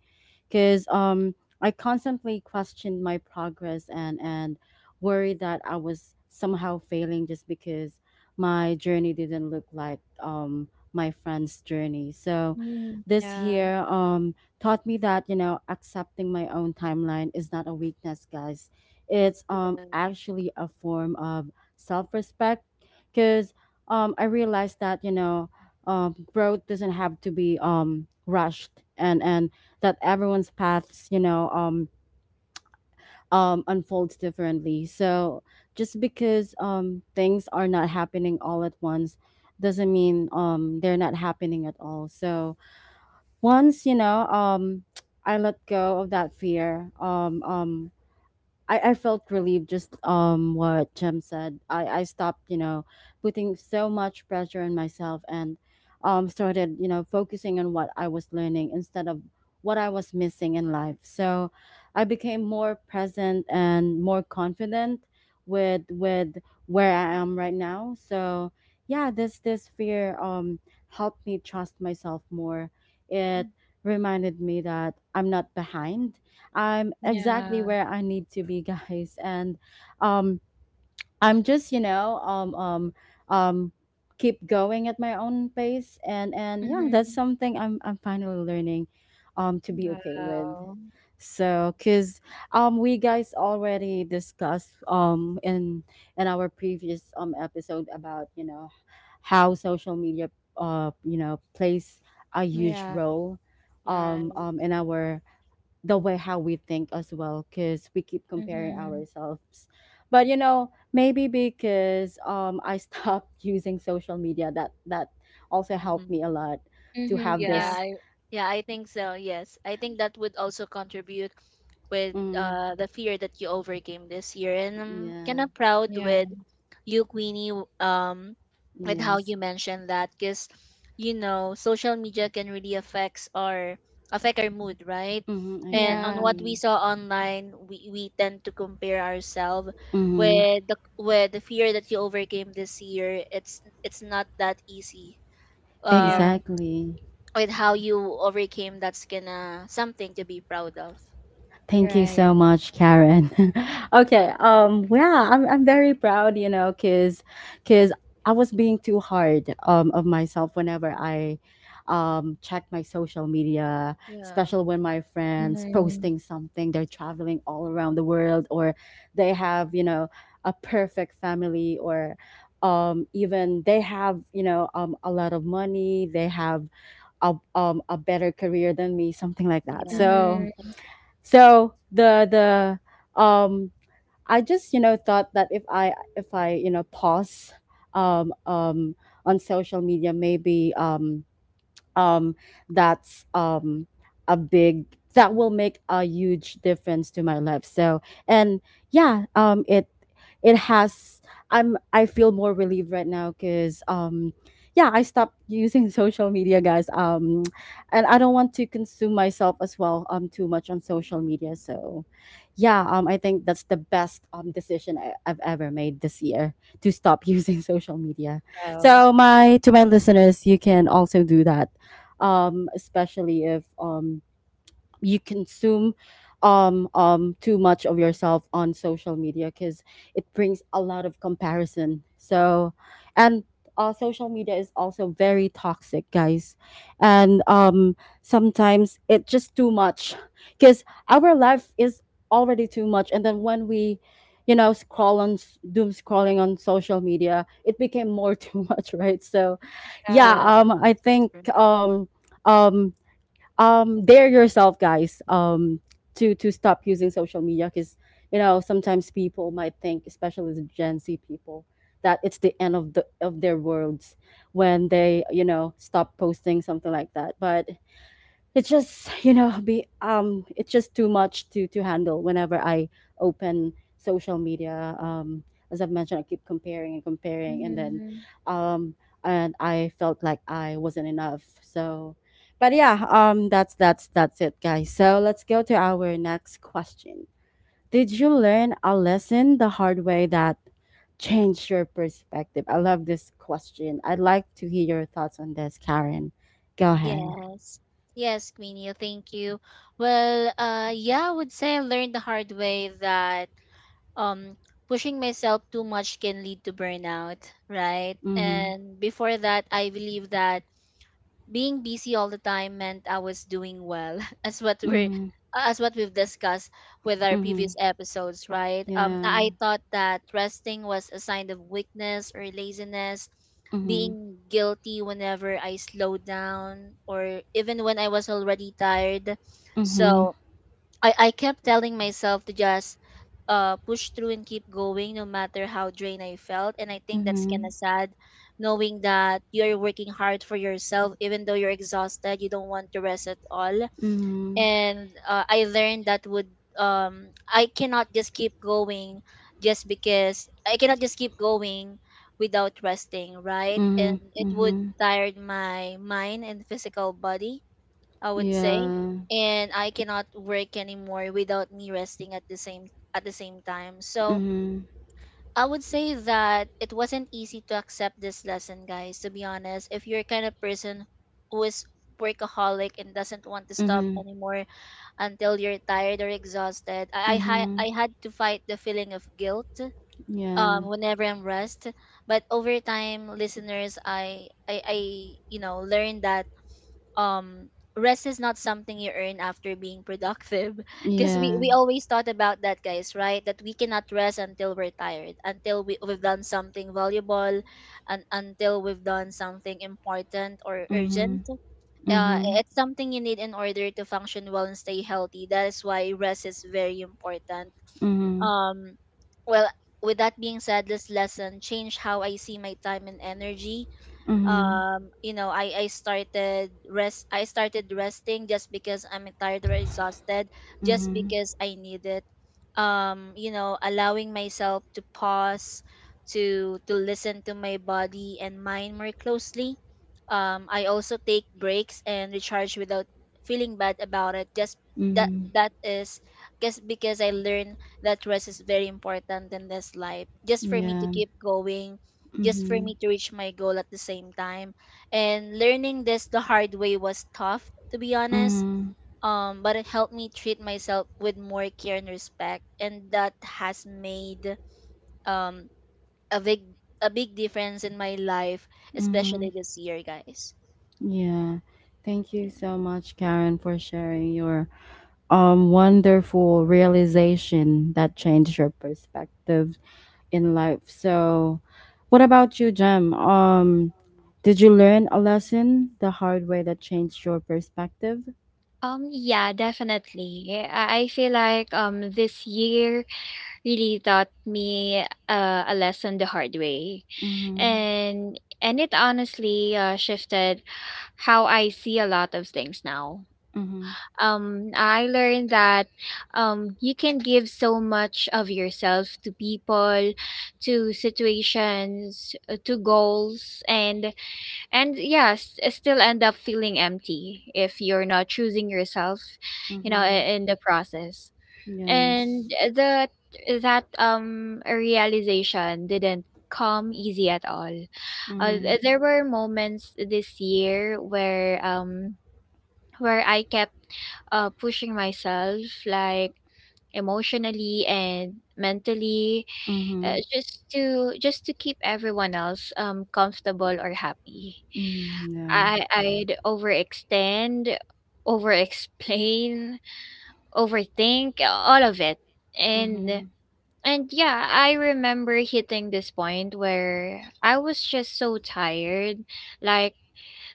[SPEAKER 1] Because I constantly questioned my progress and worried that I was somehow failing just because my journey didn't look like my friend's journey. So
[SPEAKER 3] Mm,
[SPEAKER 1] this
[SPEAKER 3] yeah.
[SPEAKER 1] year taught me that, accepting my own timeline is not a weakness, guys. It's actually a form of self respect because I realized that growth doesn't have to be rushed and that everyone's paths unfolds differently. So just because things are not happening all at once doesn't mean they're not happening at all. So once I let go of that fear. I felt relieved just what Jem said. I stopped, putting so much pressure on myself and started, focusing on what I was learning instead of what I was missing in life. So I became more present and more confident with where I am right now. So yeah, this fear helped me trust myself more. It reminded me that I'm not behind. I'm exactly
[SPEAKER 3] Yeah.
[SPEAKER 1] where I need to be, guys. And um, I'm just, um, keep going at my own pace. And
[SPEAKER 3] Yeah.
[SPEAKER 1] and yeah,
[SPEAKER 3] Mm-hmm.
[SPEAKER 1] that's something I'm finally learning, to be okay with.
[SPEAKER 3] Wow.
[SPEAKER 1] So, cause we guys already discussed in our previous episode about how social media plays a
[SPEAKER 2] Mm.
[SPEAKER 1] huge
[SPEAKER 3] Yeah.
[SPEAKER 1] role
[SPEAKER 2] You're right.
[SPEAKER 1] in our the way how we think as well, because we keep comparing
[SPEAKER 3] Mm-hmm.
[SPEAKER 1] ourselves. But maybe because I stopped using social media, that also helped
[SPEAKER 2] Mhm.
[SPEAKER 1] me a lot to
[SPEAKER 3] Mm-hmm.
[SPEAKER 1] have
[SPEAKER 2] Yeah,
[SPEAKER 3] Yeah.
[SPEAKER 1] this.
[SPEAKER 2] I, yeah, I think so. Yes, I think that would also contribute with
[SPEAKER 1] Mm,
[SPEAKER 2] the fear that you overcame this year, and I'm kind
[SPEAKER 1] yeah.
[SPEAKER 2] of proud
[SPEAKER 3] Yeah.
[SPEAKER 2] with you, Queenie, with how
[SPEAKER 1] Yes.
[SPEAKER 2] you mentioned that, because you know social media can really affect our mood, right?
[SPEAKER 1] Mm-hmm,
[SPEAKER 2] And on
[SPEAKER 3] Yeah.
[SPEAKER 2] what we
[SPEAKER 1] exactly.
[SPEAKER 2] saw online, we tend to compare ourselves
[SPEAKER 1] Mm-hmm,
[SPEAKER 2] with the fear that you overcame this year. It's not that easy.
[SPEAKER 3] Yeah.
[SPEAKER 2] um
[SPEAKER 1] exactly.
[SPEAKER 2] with how you overcame, that's gonna something to be proud of.
[SPEAKER 1] Thank
[SPEAKER 3] You're
[SPEAKER 1] you so
[SPEAKER 3] right.
[SPEAKER 1] much, Karen. Okay, yeah, I'm very proud, you know, cuz cuz I was being too hard of myself whenever I check my social media,
[SPEAKER 2] Yeah,
[SPEAKER 1] especially when my friends
[SPEAKER 3] Mm-hmm.
[SPEAKER 1] posting something, they're traveling all around the world, or they have, you know, a perfect family, or even they have a lot of money, they have a better career than me, something like that.
[SPEAKER 2] yeah.
[SPEAKER 1] So,
[SPEAKER 3] Mm-hmm.
[SPEAKER 2] Yes.
[SPEAKER 1] so the I just thought that if I pause um um on social media, maybe um, that's um, a big that will make a huge difference to my life. So, and yeah, it has. I feel more relieved right now because yeah, I stopped using social media, guys. And I don't want to consume myself as well too much on social media. So yeah, I think that's the best decision I've ever made this year, to stop using social media.
[SPEAKER 3] Oh.
[SPEAKER 1] So, my to my listeners, you can also do that, especially if you consume too much of yourself on social media, because it brings a lot of comparison. So, and social media is also very toxic, guys. And sometimes it's just too much, because our life is already too much, and then when we scroll on doom scrolling on social media, it became more too much, right? So
[SPEAKER 2] Yes,
[SPEAKER 3] Yeah.
[SPEAKER 1] yeah, I
[SPEAKER 2] that's
[SPEAKER 1] think
[SPEAKER 2] true.
[SPEAKER 1] um dare yourself, guys, to stop using social media, because sometimes people might think, especially the Gen Z people, that it's the end of their worlds, when they stop posting something like that. But it's just too much to handle whenever I open social media. As I've mentioned, I keep comparing and comparing, and then
[SPEAKER 3] Mm-hmm.
[SPEAKER 1] um and I felt like I wasn't enough. So but yeah, that's it, guys. So let's go to our next question: did you learn a lesson the hard way that changed your perspective? I love this question. I'd like to hear your thoughts on this, Karen. Go ahead.
[SPEAKER 2] Yes, yes, Queenie, thank you. Well, yeah, I would say I learned the hard way that um pushing myself too much can lead to burnout, right?
[SPEAKER 1] Mm-hmm.
[SPEAKER 2] And before that I believe that being busy all the time meant I was doing well, as what we're
[SPEAKER 1] Mhm,
[SPEAKER 2] as what we've discussed with our previous
[SPEAKER 1] mhm,
[SPEAKER 2] episodes, right?
[SPEAKER 1] yeah.
[SPEAKER 2] I thought that resting was a sign of weakness or laziness,
[SPEAKER 1] Mhm,
[SPEAKER 2] being guilty whenever I slowed down, or even when I was already tired.
[SPEAKER 1] mhm,
[SPEAKER 2] So I kept telling myself to just push through and keep going no matter how drained I felt. And I think that's kind
[SPEAKER 1] mhm,
[SPEAKER 2] of sad knowing that you're working hard for yourself, even though you're exhausted, you don't want to rest at all.
[SPEAKER 1] mhm,
[SPEAKER 2] And I learned that I cannot just keep going just because I cannot just keep going without resting, right?
[SPEAKER 1] mhm,
[SPEAKER 2] And it would
[SPEAKER 1] mhm,
[SPEAKER 2] tire my mind and physical body, I would say,
[SPEAKER 1] yeah.
[SPEAKER 2] and I cannot work anymore without me resting at the same time. So
[SPEAKER 1] Mhm,
[SPEAKER 2] I would say that it wasn't easy to accept this lesson, guys. To be honest, if you're kind of person who is workaholic and doesn't want to stop
[SPEAKER 1] mhm,
[SPEAKER 2] anymore until you're tired or exhausted, I
[SPEAKER 1] mhm,
[SPEAKER 2] had to fight the feeling of guilt
[SPEAKER 1] yeah,
[SPEAKER 2] whenever I'm rest. But over time, listeners, I you know learned that um rest is not something you earn after being productive because
[SPEAKER 1] yeah.
[SPEAKER 2] we always thought about that, guys, right? That we cannot rest until we're tired, until we've done something valuable and until we've done something important or
[SPEAKER 1] Mhm,
[SPEAKER 2] urgent.
[SPEAKER 1] mhm,
[SPEAKER 2] It's something you need in order to function well and stay healthy. That is why rest is very important.
[SPEAKER 1] mhm,
[SPEAKER 2] um well with that being said, this lesson changed how I see my time and energy.
[SPEAKER 1] mhm,
[SPEAKER 2] You know, I started resting just because I'm tired or exhausted, just
[SPEAKER 1] mhm,
[SPEAKER 2] because I need it. You know, allowing myself to pause, to listen to my body and mind more closely. I also take breaks and recharge without feeling bad about it, just that
[SPEAKER 1] mhm,
[SPEAKER 2] that is just because I learned that rest is very important in this life, just for me to
[SPEAKER 1] yeah.
[SPEAKER 2] keep going, just for me
[SPEAKER 1] Mhm,
[SPEAKER 2] to reach my goal at the same time. And learning this the hard way was tough, to be honest.
[SPEAKER 1] mhm,
[SPEAKER 2] But it helped me treat myself with more care and respect, and that has made um a big a big difference in my life, especially
[SPEAKER 1] mhm,
[SPEAKER 2] this year, guys.
[SPEAKER 1] yeah. Thank you
[SPEAKER 2] Yeah.
[SPEAKER 1] so much, Karen, for sharing your wonderful realization that changed your perspective in life. So, what about you, Jem? Did you learn a lesson the hard way that changed your perspective?
[SPEAKER 3] Yeah, definitely. I feel like this year really taught me a lesson the hard way,
[SPEAKER 1] Mm-hmm.
[SPEAKER 3] and it honestly shifted how I see a lot of things now.
[SPEAKER 1] Mm-hmm.
[SPEAKER 3] I learned that you can give so much of yourself to people, to situations, to goals, and yes, still end up feeling empty if you're not choosing yourself, you know,
[SPEAKER 1] Mm-hmm.
[SPEAKER 3] in the process. And
[SPEAKER 1] Yes.
[SPEAKER 3] that that realization didn't come easy at all.
[SPEAKER 2] Mhm.
[SPEAKER 1] Mm-hmm.
[SPEAKER 3] There were moments this year where I kept pushing myself like emotionally and mentally,
[SPEAKER 1] Mm-hmm.
[SPEAKER 3] just to keep everyone else comfortable or happy.
[SPEAKER 1] Mm-hmm. Yeah.
[SPEAKER 3] I I'd overextend, overexplain, overthink, all of it. And
[SPEAKER 1] Mm-hmm.
[SPEAKER 3] and yeah, I remember hitting this point where I was just so tired. Like,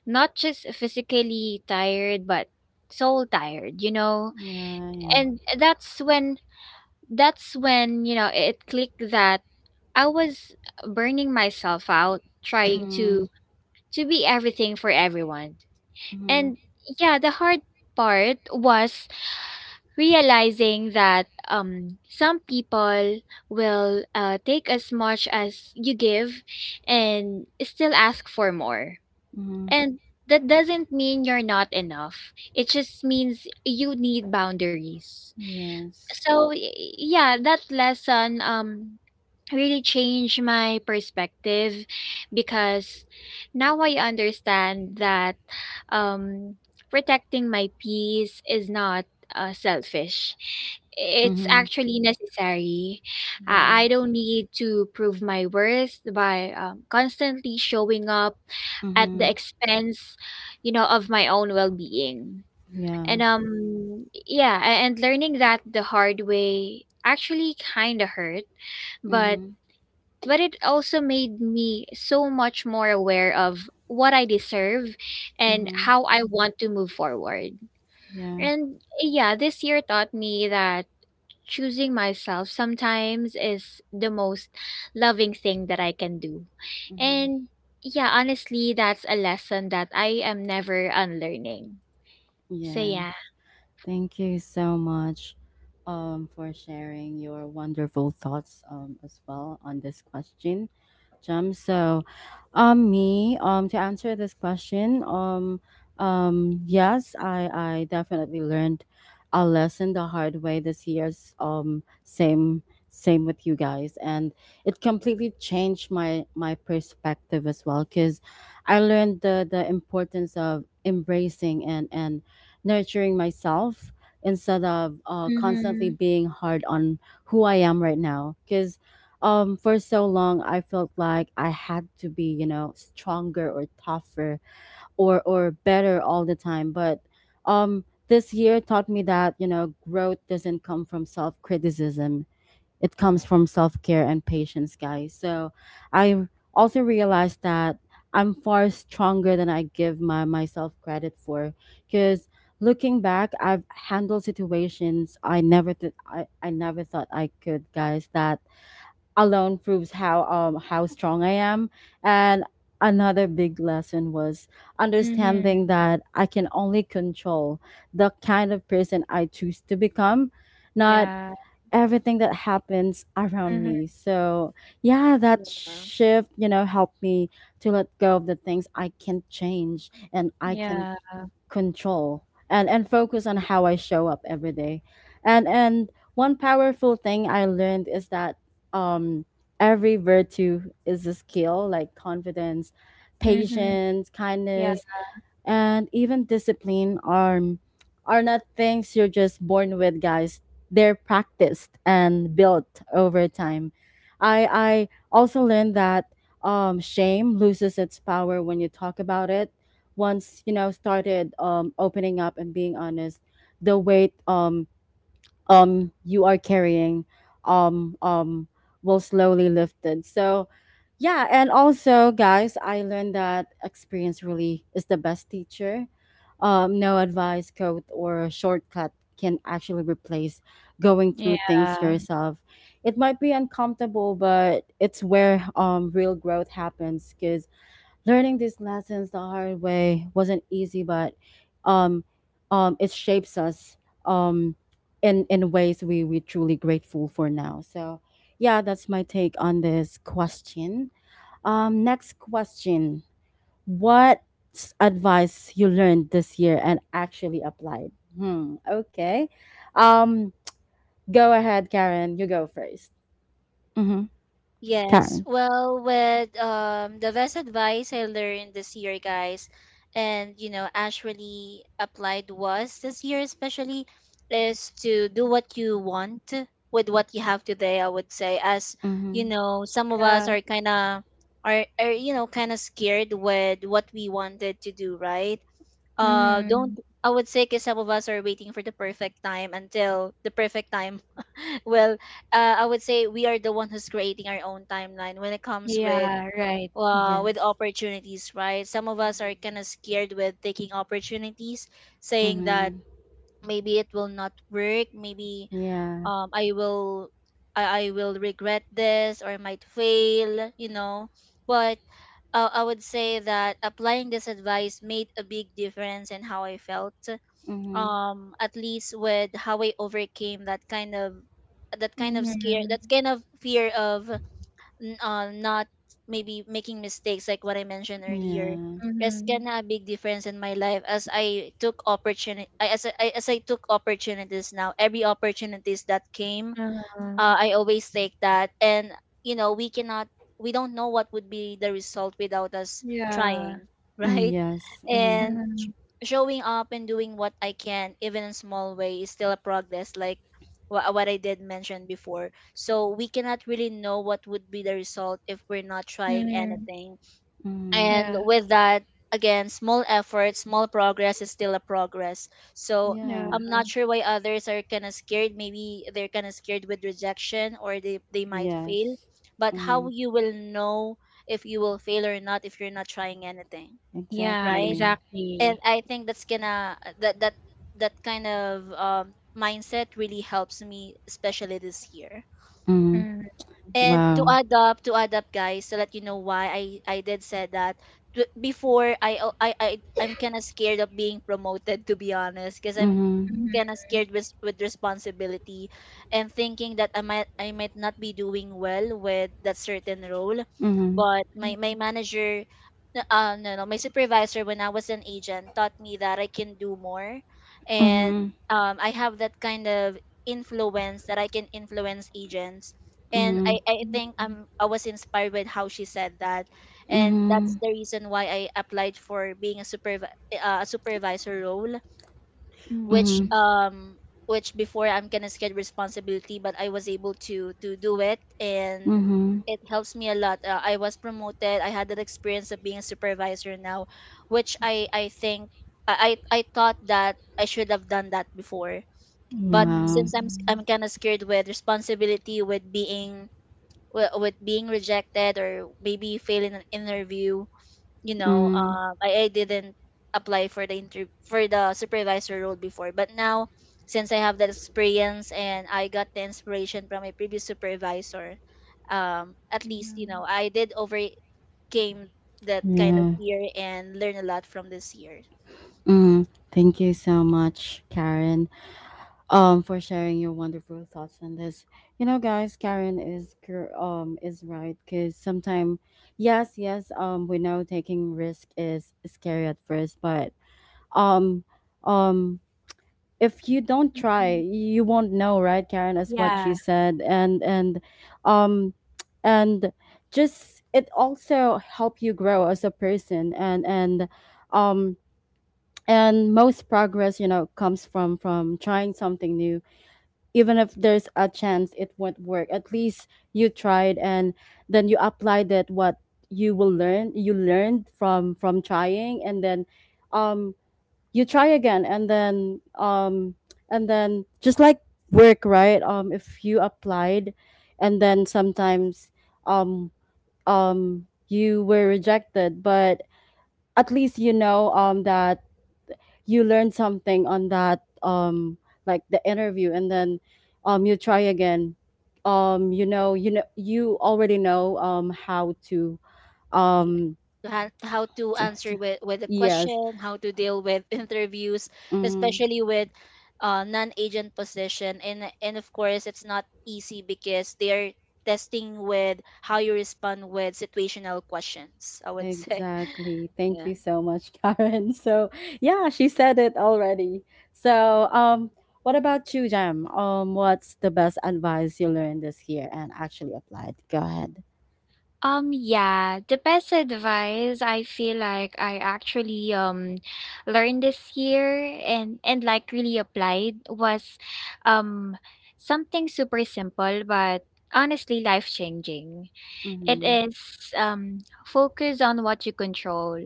[SPEAKER 3] not just physically tired, but soul tired, you know?
[SPEAKER 1] Yeah. Yeah.
[SPEAKER 3] And that's when, you know, it clicked that I was burning myself out trying
[SPEAKER 1] Mm-hmm.
[SPEAKER 3] to be everything for everyone.
[SPEAKER 1] Mm-hmm.
[SPEAKER 3] And yeah, the hard part was realizing that some people will take as much as you give and still ask for more.
[SPEAKER 1] Mm-hmm.
[SPEAKER 3] And that doesn't mean you're not enough. It just means you need boundaries.
[SPEAKER 1] Yes.
[SPEAKER 3] So that lesson really changed my perspective because now I understand that um, protecting my peace is not selfish. It's
[SPEAKER 1] Mm-hmm.
[SPEAKER 3] actually necessary.
[SPEAKER 1] Yeah.
[SPEAKER 3] I don't need to prove my worth by constantly showing up at the
[SPEAKER 1] Mm-hmm.
[SPEAKER 3] expense of my own well-being. And
[SPEAKER 1] Yeah.
[SPEAKER 3] and learning that the hard way actually kind of hurt, but
[SPEAKER 1] Mm-hmm.
[SPEAKER 3] but it also made me so much more aware of what I deserve and
[SPEAKER 1] Mm-hmm.
[SPEAKER 3] how I want to move forward.
[SPEAKER 1] Yeah.
[SPEAKER 3] And yeah, this year taught me that choosing myself sometimes is the most loving thing that I can do.
[SPEAKER 1] Mm-hmm.
[SPEAKER 3] And yeah, honestly, that's a lesson that I am never unlearning. So
[SPEAKER 1] Yeah.
[SPEAKER 3] yeah.
[SPEAKER 1] Thank you so much, for sharing your wonderful thoughts, as well on this question, Jam. So, me, to answer this question, yes, I definitely learned a lesson the hard way this year's, same with you guys, and it completely changed my perspective as well, because I learned the importance of embracing and nurturing myself, instead of constantly
[SPEAKER 3] Mhm.
[SPEAKER 1] being hard on who I am right now. Because for so long I felt like I had to be, stronger or tougher, or better all the time. But this year taught me that, growth doesn't come from self criticism, it comes from self care and patience, guys. So I also realized that I'm far stronger than I give my myself credit for, cuz looking back I've handled situations I never I never thought I could, guys. That alone proves how strong I am. And another big lesson was
[SPEAKER 3] Mhm.
[SPEAKER 1] understanding that I can only control the kind of person I choose to become, not
[SPEAKER 3] Yeah.
[SPEAKER 1] everything that happens around
[SPEAKER 3] Mhm.
[SPEAKER 1] me. So yeah, that
[SPEAKER 2] Yeah.
[SPEAKER 1] shift, helped me to let go of the things I can not change, and I can
[SPEAKER 3] Yeah.
[SPEAKER 1] control, and focus on how I show up every day. And one powerful thing I learned is that um every virtue is a skill, like confidence,
[SPEAKER 3] Mhm.
[SPEAKER 1] patience,
[SPEAKER 3] Yeah.
[SPEAKER 1] kindness, and even discipline are not things you're just born with, guys. They're practiced and built over time. I also learned that shame loses its power when you talk about it. Once started opening up and being honest, the weight you are carrying um um will slowly lifted. So yeah, and also, guys, I learned that experience really is the best teacher. No advice code or a shortcut can actually replace going through things
[SPEAKER 3] Yeah.
[SPEAKER 1] yourself. It might be uncomfortable, but it's where real growth happens, because. Learning these lessons the hard way wasn't easy, but um, it shapes us, um, in ways we truly grateful for now. So yeah, that's my take on this question. Next question: what advice you learned this year and actually applied? Hmm. Okay. Um, Go ahead, Karen. You go first. Mm-hmm.
[SPEAKER 2] Yes.
[SPEAKER 1] Karen.
[SPEAKER 2] Well, with the best advice I learned this year, guys, and you know, actually applied was this year especially, is to do what you want with what you have today, I would say, as you
[SPEAKER 1] Mm-hmm.
[SPEAKER 2] know, some of us
[SPEAKER 3] Yeah.
[SPEAKER 2] are are you know kind of scared with what we wanted to do, right? Don't
[SPEAKER 3] Mhm.
[SPEAKER 2] I would say, because some of us are waiting for the perfect time, well, I would say we are the one who's creating our own timeline when it comes
[SPEAKER 3] Yeah, right.
[SPEAKER 2] with
[SPEAKER 1] Yes.
[SPEAKER 2] opportunities, right? Some of us are kind of scared with taking opportunities, saying that
[SPEAKER 1] Mm-hmm.
[SPEAKER 2] maybe it will not work, maybe
[SPEAKER 1] Yeah.
[SPEAKER 2] um, i will I will regret this, or I might fail, you know. But I would say that applying this advice made a big difference in how I felt,
[SPEAKER 1] Mm-hmm.
[SPEAKER 2] at least with how I overcame that kind of scare,
[SPEAKER 3] Mhm,
[SPEAKER 2] that kind of fear of n- not maybe making mistakes, like what I mentioned earlier.
[SPEAKER 1] Yeah.
[SPEAKER 2] It's
[SPEAKER 3] mhm,
[SPEAKER 2] kinda a big difference in my life, as I took opportunity as I took opportunities. Now every opportunities that came,
[SPEAKER 3] uh-huh.
[SPEAKER 2] I always take that. And you know, we don't know what would be the result without us
[SPEAKER 3] Yeah.
[SPEAKER 2] trying,
[SPEAKER 1] Mm,
[SPEAKER 2] right?
[SPEAKER 1] yes. Mm,
[SPEAKER 2] And
[SPEAKER 3] Mhm,
[SPEAKER 2] showing up and doing what I can, even in small way, is still a progress. Like what I did mention before. So we cannot really know what would be the result if we're not trying
[SPEAKER 3] mhm.
[SPEAKER 2] anything.
[SPEAKER 1] mm.
[SPEAKER 2] And
[SPEAKER 3] Yeah,
[SPEAKER 2] with that, again, small effort, small progress, is still a progress. So
[SPEAKER 3] yeah.
[SPEAKER 1] Yeah.
[SPEAKER 2] I'm not sure why others are kind of scared. Maybe they're kind of scared with rejection, or they might fail.
[SPEAKER 1] Yes.
[SPEAKER 2] But how
[SPEAKER 1] Mm,
[SPEAKER 2] you will know if you will fail or not, if you're not trying anything,
[SPEAKER 3] Yeah,
[SPEAKER 2] right?
[SPEAKER 1] exactly.
[SPEAKER 2] And
[SPEAKER 3] exactly.
[SPEAKER 2] I think that's gonna that that that kind of mindset really helps me, especially this year.
[SPEAKER 1] Mm,
[SPEAKER 3] Mhm,
[SPEAKER 2] And to
[SPEAKER 1] wow.
[SPEAKER 2] add up, guys, to let you know why I did said that: t- before I al- I I'm kind of scared of being promoted, to be honest, because I'm
[SPEAKER 1] Mm-hmm.
[SPEAKER 3] mhm,
[SPEAKER 2] kind of scared with responsibility, and thinking that I might not be doing well with that certain role.
[SPEAKER 1] Mm-hmm.
[SPEAKER 2] But my manager, n- no no my supervisor when I was an agent taught me that I can do more, and
[SPEAKER 1] Mm-hmm.
[SPEAKER 2] I have that kind of influence, that I can influence agents. And
[SPEAKER 1] Mm-hmm.
[SPEAKER 2] I think
[SPEAKER 3] mhm,
[SPEAKER 2] I'm I was inspired with how she said that, and that's
[SPEAKER 1] Mm-hmm.
[SPEAKER 2] the reason why I applied for being a a supervisor role, which
[SPEAKER 1] Mm-hmm.
[SPEAKER 3] mhm,
[SPEAKER 2] before, I'm gonna scared responsibility, but I was able to do it, and
[SPEAKER 1] Mm-hmm.
[SPEAKER 2] it helps me a lot. I was promoted. I had that experience of being a supervisor now, which I thought that I should have done that before. But
[SPEAKER 1] Wow.
[SPEAKER 2] since I'm
[SPEAKER 3] mhm,
[SPEAKER 2] kind of scared with responsibility, with being with being rejected or maybe failing an interview, you know,
[SPEAKER 1] Mm,
[SPEAKER 2] I didn't apply for the supervisor role before. But now, since I have that experience and I got the inspiration from my previous supervisor, at least you know
[SPEAKER 3] mhm,
[SPEAKER 2] I did overcame that kind of
[SPEAKER 1] yeah.
[SPEAKER 2] fear and learn a lot from this year:
[SPEAKER 1] Mm. Thank you so much, Karen, for sharing your wonderful thoughts on this. You know, guys, Karen is is right, because sometimes, yes, yes, we know taking risk is scary at first, but um, um, if you don't try,
[SPEAKER 3] mhm.
[SPEAKER 1] you won't know, right, Karen? As what she
[SPEAKER 3] Yeah.
[SPEAKER 1] said, um, and just it also help you grow as a person, um. And most progress, comes from trying something new, even if there's a chance it won't work. At least you tried, and then you applied that what you learned from trying, and then um you try again, and then just like work, right? If you applied, and then sometimes um you were rejected, but at least you know that you learn something on that, like the interview. And then you try again. You already know how to, um
[SPEAKER 2] to how to
[SPEAKER 1] t-
[SPEAKER 2] answer
[SPEAKER 1] t-
[SPEAKER 2] with a
[SPEAKER 1] yes.
[SPEAKER 2] question, how to deal with interviews,
[SPEAKER 1] Mm,
[SPEAKER 2] especially with non-agent position, and of course it's not easy because they are testing with how you respond with situational questions, I would say.
[SPEAKER 1] exactly. Thank
[SPEAKER 2] Yeah.
[SPEAKER 1] you so much, Karen. So yeah, she said it already. So, what about you, Jam? What's the best advice you learned this year and actually applied? Go ahead.
[SPEAKER 3] Yeah, the best advice I feel like I actually learned this year and like really applied was um something super simple but honestly life-changing. It
[SPEAKER 1] Mm-hmm.
[SPEAKER 3] is focus on what you control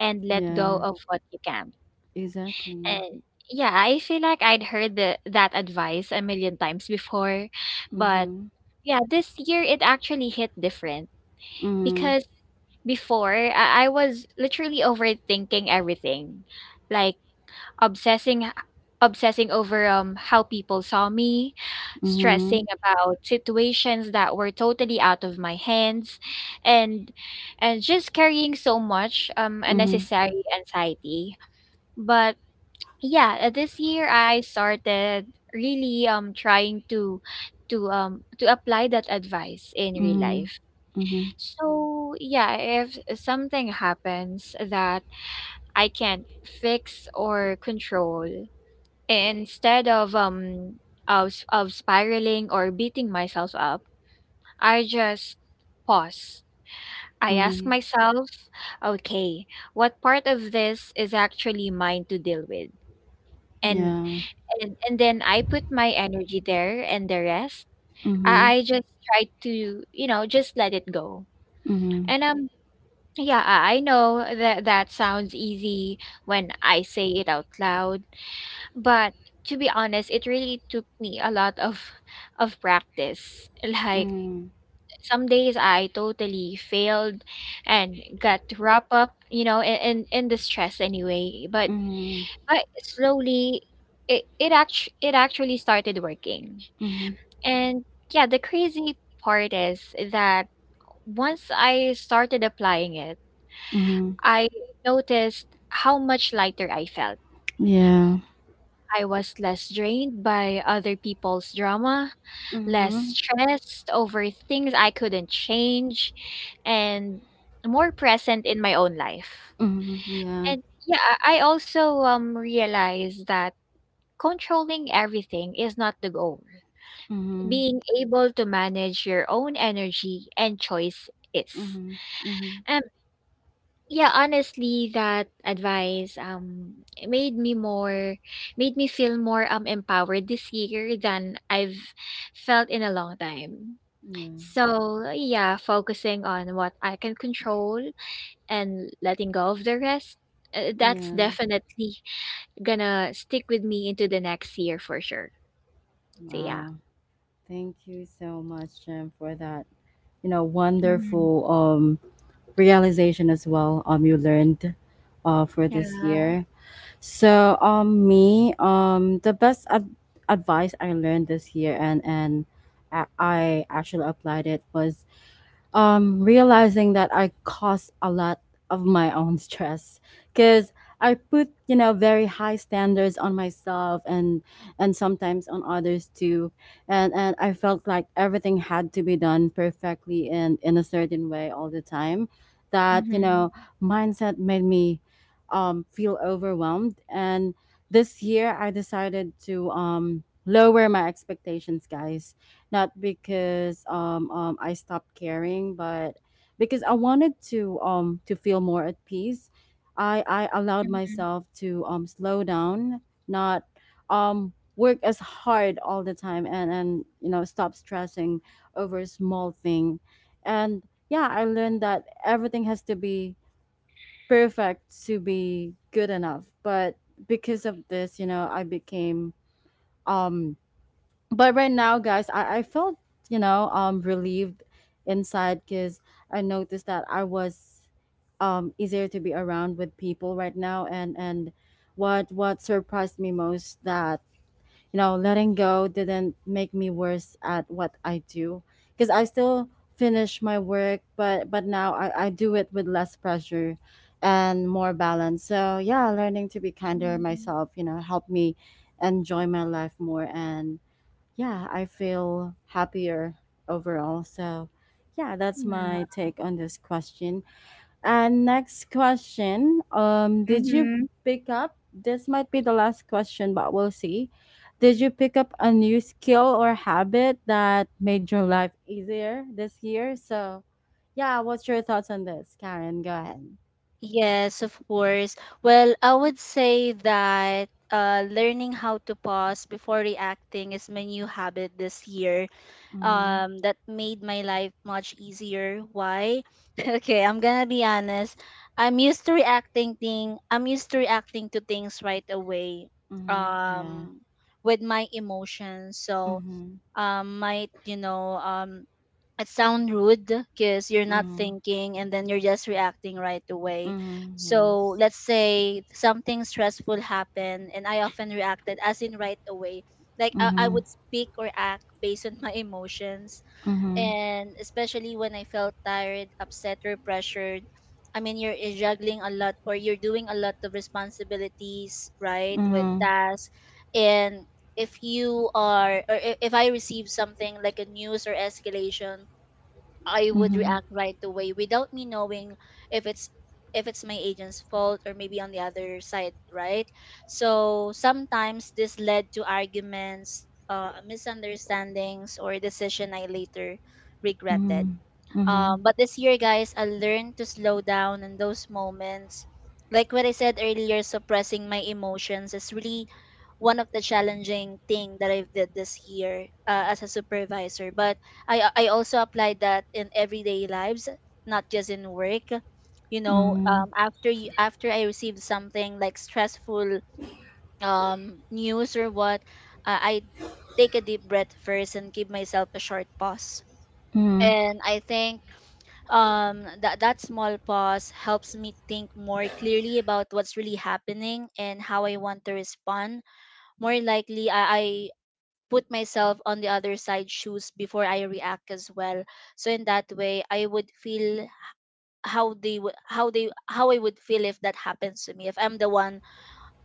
[SPEAKER 3] and let go
[SPEAKER 1] Yeah,
[SPEAKER 3] of what you can't.
[SPEAKER 1] exactly.
[SPEAKER 3] And yeah, I feel like I'd heard that advice a million times before, but
[SPEAKER 1] Mm-hmm.
[SPEAKER 3] yeah, this year it actually hit different
[SPEAKER 1] Mm-hmm.
[SPEAKER 3] because before I was literally overthinking everything like obsessing obsessing over how people saw me,
[SPEAKER 1] Mhm.
[SPEAKER 3] stressing about situations that were totally out of my hands, and and just carrying so much
[SPEAKER 1] Mhm.
[SPEAKER 3] unnecessary anxiety. But yeah, this year I started really trying to to apply that advice in real
[SPEAKER 1] Mhm.
[SPEAKER 3] life.
[SPEAKER 1] Mhm.
[SPEAKER 3] So, yeah, if something happens that I can't fix or control, instead of spiraling or beating myself up, I just pause. I ask
[SPEAKER 1] Mhm.
[SPEAKER 3] myself, okay, what part of this is actually mine to deal with? And
[SPEAKER 1] Yeah.
[SPEAKER 3] and then I put my energy there, and the rest, I,
[SPEAKER 1] Mhm.
[SPEAKER 3] I just try to, you know, just let it go.
[SPEAKER 1] Mhm.
[SPEAKER 3] And yeah, I know that that sounds easy when I say it out loud, but to be honest, it really took me a lot of practice. Like
[SPEAKER 1] Mhm.
[SPEAKER 3] some days I totally failed and got wrapped up, you know, in in the stress anyway.
[SPEAKER 1] Mhm.
[SPEAKER 3] But slowly it actually started working.
[SPEAKER 1] Mhm.
[SPEAKER 3] And yeah, the crazy part is that once I started applying it,
[SPEAKER 1] Mhm.
[SPEAKER 3] I noticed how much lighter I felt.
[SPEAKER 1] Yeah.
[SPEAKER 3] I was less drained by other people's drama, less
[SPEAKER 1] Mhm.
[SPEAKER 3] stressed over things I couldn't change, and more present in my own life.
[SPEAKER 1] Mhm. Yeah.
[SPEAKER 3] And yeah, I also realized that controlling everything is not the goal.
[SPEAKER 1] Mhm.
[SPEAKER 3] Being able to manage your own energy and choice is.
[SPEAKER 1] Mhm. Mhm.
[SPEAKER 3] Yeah, honestly, that advice, it made me more, made me feel more empowered this year than I've felt in a long time.
[SPEAKER 1] Yeah.
[SPEAKER 3] So, yeah, focusing on what I can control and letting go of the rest, that's
[SPEAKER 1] Yeah.
[SPEAKER 3] definitely gonna stick with me into the next year for sure. So, yeah.
[SPEAKER 1] Wow. Thank you so much, Jem, for that.
[SPEAKER 3] Mm-hmm.
[SPEAKER 1] Wonderful realization as well. You learned, for
[SPEAKER 3] Yeah.
[SPEAKER 1] this year. So me, the best advice I learned this year, and I actually applied it, was realizing that I cause a lot of my own stress, because I put, very high standards on myself, and sometimes on others too, and I felt like everything had to be done perfectly and in a certain way all the time. That,
[SPEAKER 3] Mm-hmm.
[SPEAKER 1] mindset made me feel overwhelmed, and this year I decided to lower my expectations, guys, not because I stopped caring, but because I wanted to feel more at peace. I allowed myself to slow down, not work as hard all the time, and stop stressing over a small thing. And yeah, I learned that everything has to be perfect to be good enough. But because of this, you know, I became um but right now guys I felt relieved inside because I noticed that I was easier to be around with people right now and what surprised me most that you know letting go didn't make me worse at what I do because I still finish my work but now I do it with less pressure and more balance so yeah learning to be kinder
[SPEAKER 3] Mm-hmm.
[SPEAKER 1] myself helped me enjoy my life more and yeah, I feel happier overall. So, yeah, that's
[SPEAKER 3] Yeah.
[SPEAKER 1] my take on this question. And next question, did you
[SPEAKER 3] Mm-hmm.
[SPEAKER 1] pick up this might be the last question, but we'll see. Did you pick up a new skill or habit that made your life easier this year? So, yeah, what's your thoughts on this, Karen? Go ahead.
[SPEAKER 2] Yes, of course. Well, I would say that learning how to pause before reacting is my new habit this year,
[SPEAKER 1] Mm-hmm.
[SPEAKER 2] that made my life much easier. Why? Okay, I'm gonna be honest. I'm used to reacting to things right away,
[SPEAKER 1] Mm-hmm. Yeah.
[SPEAKER 2] um with my emotions. So
[SPEAKER 1] Mm-hmm.
[SPEAKER 2] might, you know, it sound rude because you're not
[SPEAKER 1] Mm-hmm.
[SPEAKER 2] thinking, and then you're just reacting right away.
[SPEAKER 1] Mm-hmm.
[SPEAKER 2] So
[SPEAKER 1] Yes.
[SPEAKER 2] let's say something stressful happened, and I often reacted as in right away. Like I
[SPEAKER 1] Mm-hmm.
[SPEAKER 2] would speak or act based on my emotions,
[SPEAKER 1] Mm-hmm.
[SPEAKER 2] and especially when I felt tired, upset, or pressured. I mean, you're juggling a lot, or you're doing a lot of responsibilities, right, with
[SPEAKER 1] Mm-hmm.
[SPEAKER 2] tasks. And if you are, or I- if I receive something like a news or escalation, I would
[SPEAKER 1] Mm-hmm.
[SPEAKER 2] react right away without me knowing if it's if it's my agent's fault, or maybe on the other side, right? So sometimes this led to arguments, misunderstandings, or decision I later regretted.
[SPEAKER 1] Mhm. Mhm.
[SPEAKER 2] But this year, guys, I learned to slow down in those moments. Like what I said earlier, suppressing my emotions is really one of the challenging thing that I've did this year, as a supervisor. But I also applied that in everyday lives, not just in work. You know,
[SPEAKER 1] Mhm.
[SPEAKER 2] after I received something like stressful news or what, I take a deep breath first and give myself a short pause.
[SPEAKER 1] Mhm.
[SPEAKER 2] And I think that that small pause helps me think more clearly about what's really happening and how I want to respond. More likely I put myself on the other side shoes before I react as well. So in that way, I would feel how they would how they how I would feel if that happens to me, if I'm the one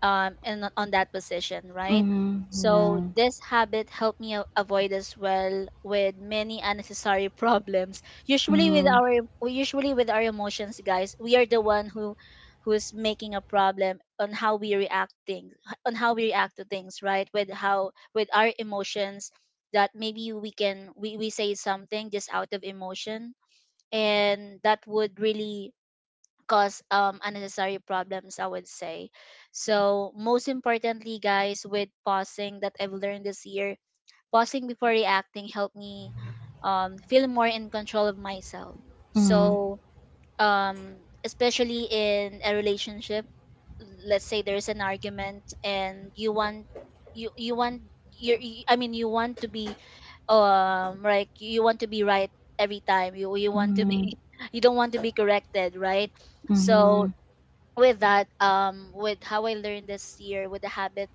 [SPEAKER 2] in on that position, right?
[SPEAKER 1] Mhm.
[SPEAKER 2] So
[SPEAKER 1] Yeah.
[SPEAKER 2] this habit helped me avoid as well with many unnecessary problems.
[SPEAKER 1] Mhm.
[SPEAKER 2] Usually with our emotions, guys, we are the one who's making a problem on how we react things on how we react to things, right? With how, with our emotions, that maybe we can we say something just out of emotion, and that would really cause unnecessary problems, I would say. So most importantly, guys, with pausing, that I've learned this year, pausing before reacting helped me feel more in control of myself.
[SPEAKER 1] Mhm.
[SPEAKER 2] So especially in a relationship, let's say there's an argument, and you want you you want you you- I mean you want to be like you want to be right every time, you want to
[SPEAKER 1] Mhm.
[SPEAKER 2] be you don't want to be corrected, right? So
[SPEAKER 1] Mhm.
[SPEAKER 2] with that, with how I learned this year, with the habit,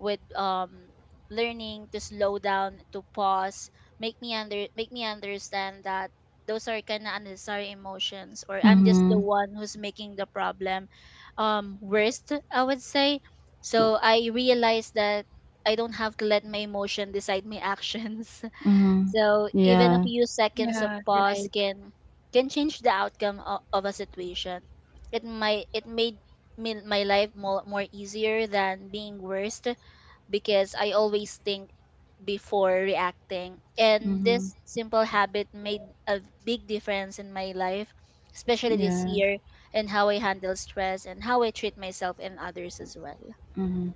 [SPEAKER 2] with learning to slow down, to pause, make me understand that those are kind of unnecessary emotions, or I'm just the
[SPEAKER 1] Mhm.
[SPEAKER 2] one who's making the problem worst, I would say. So I realized that I don't have to let my emotion decide my actions.
[SPEAKER 1] Mhm.
[SPEAKER 2] So even a
[SPEAKER 1] Yeah.
[SPEAKER 2] few seconds of
[SPEAKER 3] Yeah. Right.
[SPEAKER 2] pause can change the outcome of a situation. It might it made my life more easier than being worst, because I always think before reacting. And
[SPEAKER 1] Mhm.
[SPEAKER 2] this simple habit made a big difference in my life, especially this
[SPEAKER 1] Yeah.
[SPEAKER 2] year, and how I handle stress and how I treat myself and others as well.
[SPEAKER 1] Mhm.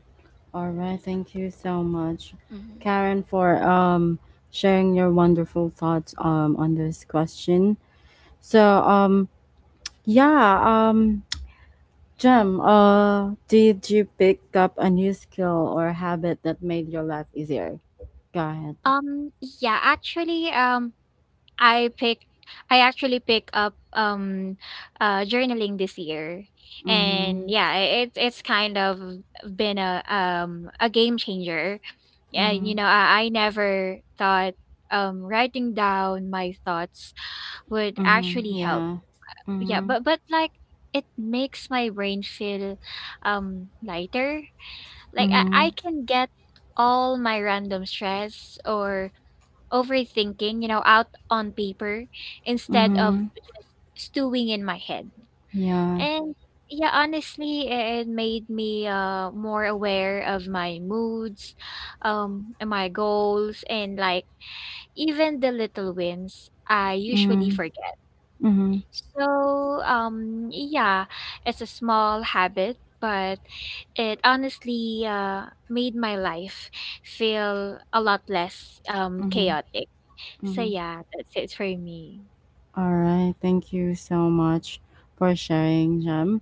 [SPEAKER 1] All right. Thank you so much,
[SPEAKER 2] Mm-hmm.
[SPEAKER 1] Karen, for sharing your wonderful thoughts on this question. So yeah Jem, did you pick up a new skill or habit that made your life easier? Go ahead.
[SPEAKER 3] Um, yeah, actually, I pick I actually pick up journaling this year.
[SPEAKER 1] Mm-hmm.
[SPEAKER 3] And yeah, it's kind of been a game changer. Yeah, you know,
[SPEAKER 1] Mhm.
[SPEAKER 3] I never thought writing down my thoughts would
[SPEAKER 1] Mhm.
[SPEAKER 3] actually help.
[SPEAKER 1] Yeah.
[SPEAKER 3] Yeah,
[SPEAKER 1] Mhm.
[SPEAKER 3] but like it makes my brain feel lighter. Like I
[SPEAKER 1] Mhm.
[SPEAKER 3] can get all my random stress or overthinking, you know, out on paper instead of
[SPEAKER 1] Mhm.
[SPEAKER 3] just stewing in my head.
[SPEAKER 1] Yeah.
[SPEAKER 3] And yeah, honestly, it made me more aware of my moods, and my goals, and like even the little wins I usually
[SPEAKER 1] Mhm.
[SPEAKER 3] forget.
[SPEAKER 1] Mhm.
[SPEAKER 3] So yeah, it's a small habit, but it honestly made my life feel a lot less
[SPEAKER 1] Mhm.
[SPEAKER 3] chaotic. So
[SPEAKER 1] Mhm.
[SPEAKER 3] yeah, that's it for me.
[SPEAKER 1] All right. Thank you so much for sharing, Jem.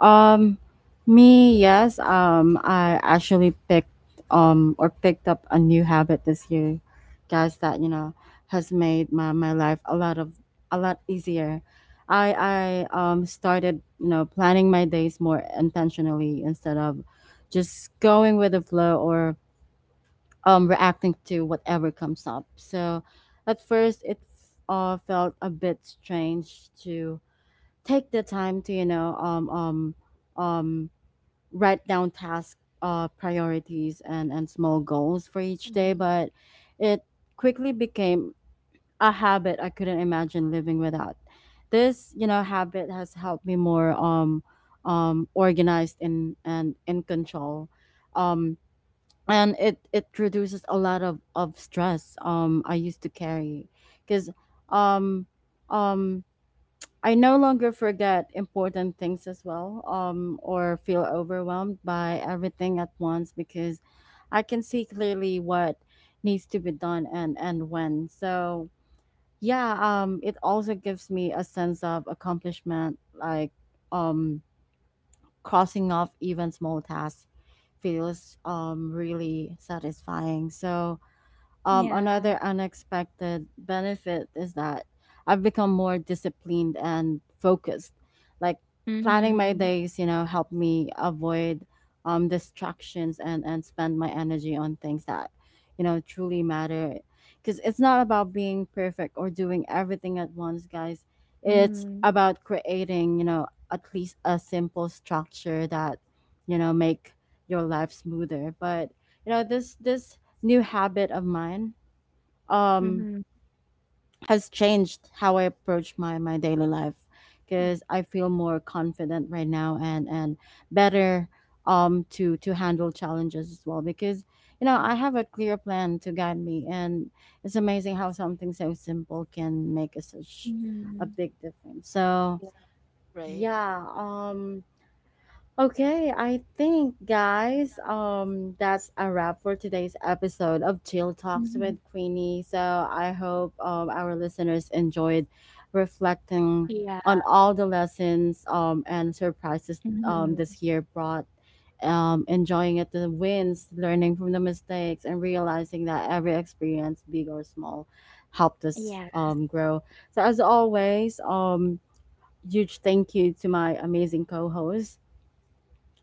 [SPEAKER 1] Um, me, yes. I actually picked or picked up a new habit this year, guys. That you know has made my life a lot of a lot easier. I started you know planning my days more intentionally instead of just going with the flow or reacting to whatever comes up. So at first, it felt a bit strange to take the time to, you know, um, write down task priorities and small goals for each day,
[SPEAKER 2] Mm-hmm.
[SPEAKER 1] but it quickly became a habit I couldn't imagine living without. This, you know, habit has helped me more organized and in control. Um, and it reduces a lot of stress I used to carry because um um I no longer forget important things as well or feel overwhelmed by everything at once because I can see clearly what needs to be done and when so yeah it also gives me a sense of accomplishment like um crossing off even small tasks feels really satisfying. So
[SPEAKER 3] Yeah.
[SPEAKER 1] another unexpected benefit is that I've become more disciplined and focused. Like planning my
[SPEAKER 3] Mhm.
[SPEAKER 1] days, you know, help me avoid distractions and spend my energy on things that, you know, truly matter. Because it's not about being perfect or doing everything at once, guys. It's
[SPEAKER 3] Mhm.
[SPEAKER 1] about creating, you know, at least a simple structure that, you know, make your life smoother. But you know this new habit of mine
[SPEAKER 3] Mhm.
[SPEAKER 1] um has changed how I approach my daily life
[SPEAKER 2] Mm,
[SPEAKER 1] because I feel more confident right now and better to handle challenges as well because you know
[SPEAKER 2] mm,
[SPEAKER 1] I have a clear plan to guide me and it's amazing how something so simple can make a, such a
[SPEAKER 3] Mhm.
[SPEAKER 1] big difference so
[SPEAKER 2] yeah. Right.
[SPEAKER 1] yeah Okay, I think guys, that's a wrap for today's episode of Chill Talks
[SPEAKER 3] Mhm.
[SPEAKER 1] with Queenie. So I hope our listeners enjoyed reflecting
[SPEAKER 3] Yeah.
[SPEAKER 1] on all the lessons and surprises
[SPEAKER 3] Mhm.
[SPEAKER 1] this year brought. Enjoying it the wins, learning from the mistakes and realizing that every experience, big or small, helped us
[SPEAKER 3] Yeah.
[SPEAKER 1] grow. So as always, huge thank you to my amazing co-host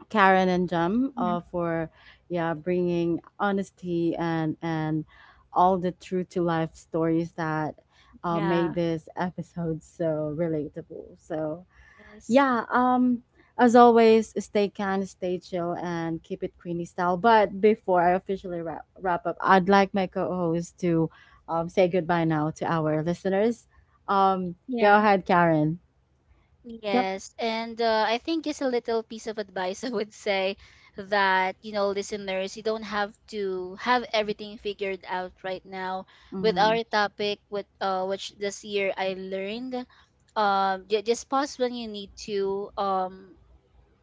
[SPEAKER 1] Karen and Jam
[SPEAKER 3] Mhm.
[SPEAKER 1] for yeah bringing honesty and all the true to life stories that
[SPEAKER 3] Yeah.
[SPEAKER 1] made this episode so relatable. So
[SPEAKER 2] Yes.
[SPEAKER 1] yeah, as always, stay kind, stay chill, and keep it Queenie style. But before I officially wrap, wrap up, I'd like my co-host to say goodbye now to our listeners. Go
[SPEAKER 3] Yeah.
[SPEAKER 1] ahead, Karen. Yep.
[SPEAKER 2] Yes, and I think just a little piece of advice I would say, that, you know, listeners, you don't have to have everything figured out right now. With
[SPEAKER 1] Mm-hmm.
[SPEAKER 2] our topic, with which this year I learned, just pause when you need to.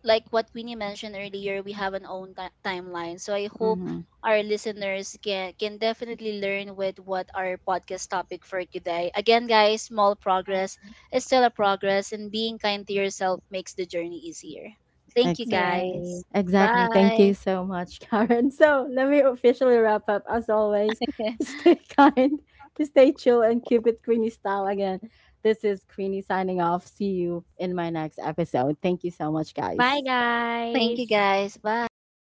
[SPEAKER 2] Like what Winnie mentioned earlier, we have an timeline. So I hope
[SPEAKER 1] Mm-hmm.
[SPEAKER 2] our listeners can definitely learn with what our podcast topic for today. Again, guys, small progress is still a progress, and being kind to yourself makes the journey easier. Thank you,
[SPEAKER 3] Yeah.
[SPEAKER 1] Exactly.
[SPEAKER 3] Right.
[SPEAKER 2] guys.
[SPEAKER 1] Exactly. Thank
[SPEAKER 2] Bye.
[SPEAKER 1] you so much, Karen. So let me officially wrap up. As always, stay kind, stay chill, and keep it Queenie style again. This is Queenie signing off. See you in my next episode. Thank you so much,
[SPEAKER 3] Bye,
[SPEAKER 1] guys.
[SPEAKER 2] Thank you,
[SPEAKER 3] guys.
[SPEAKER 2] guys. Bye.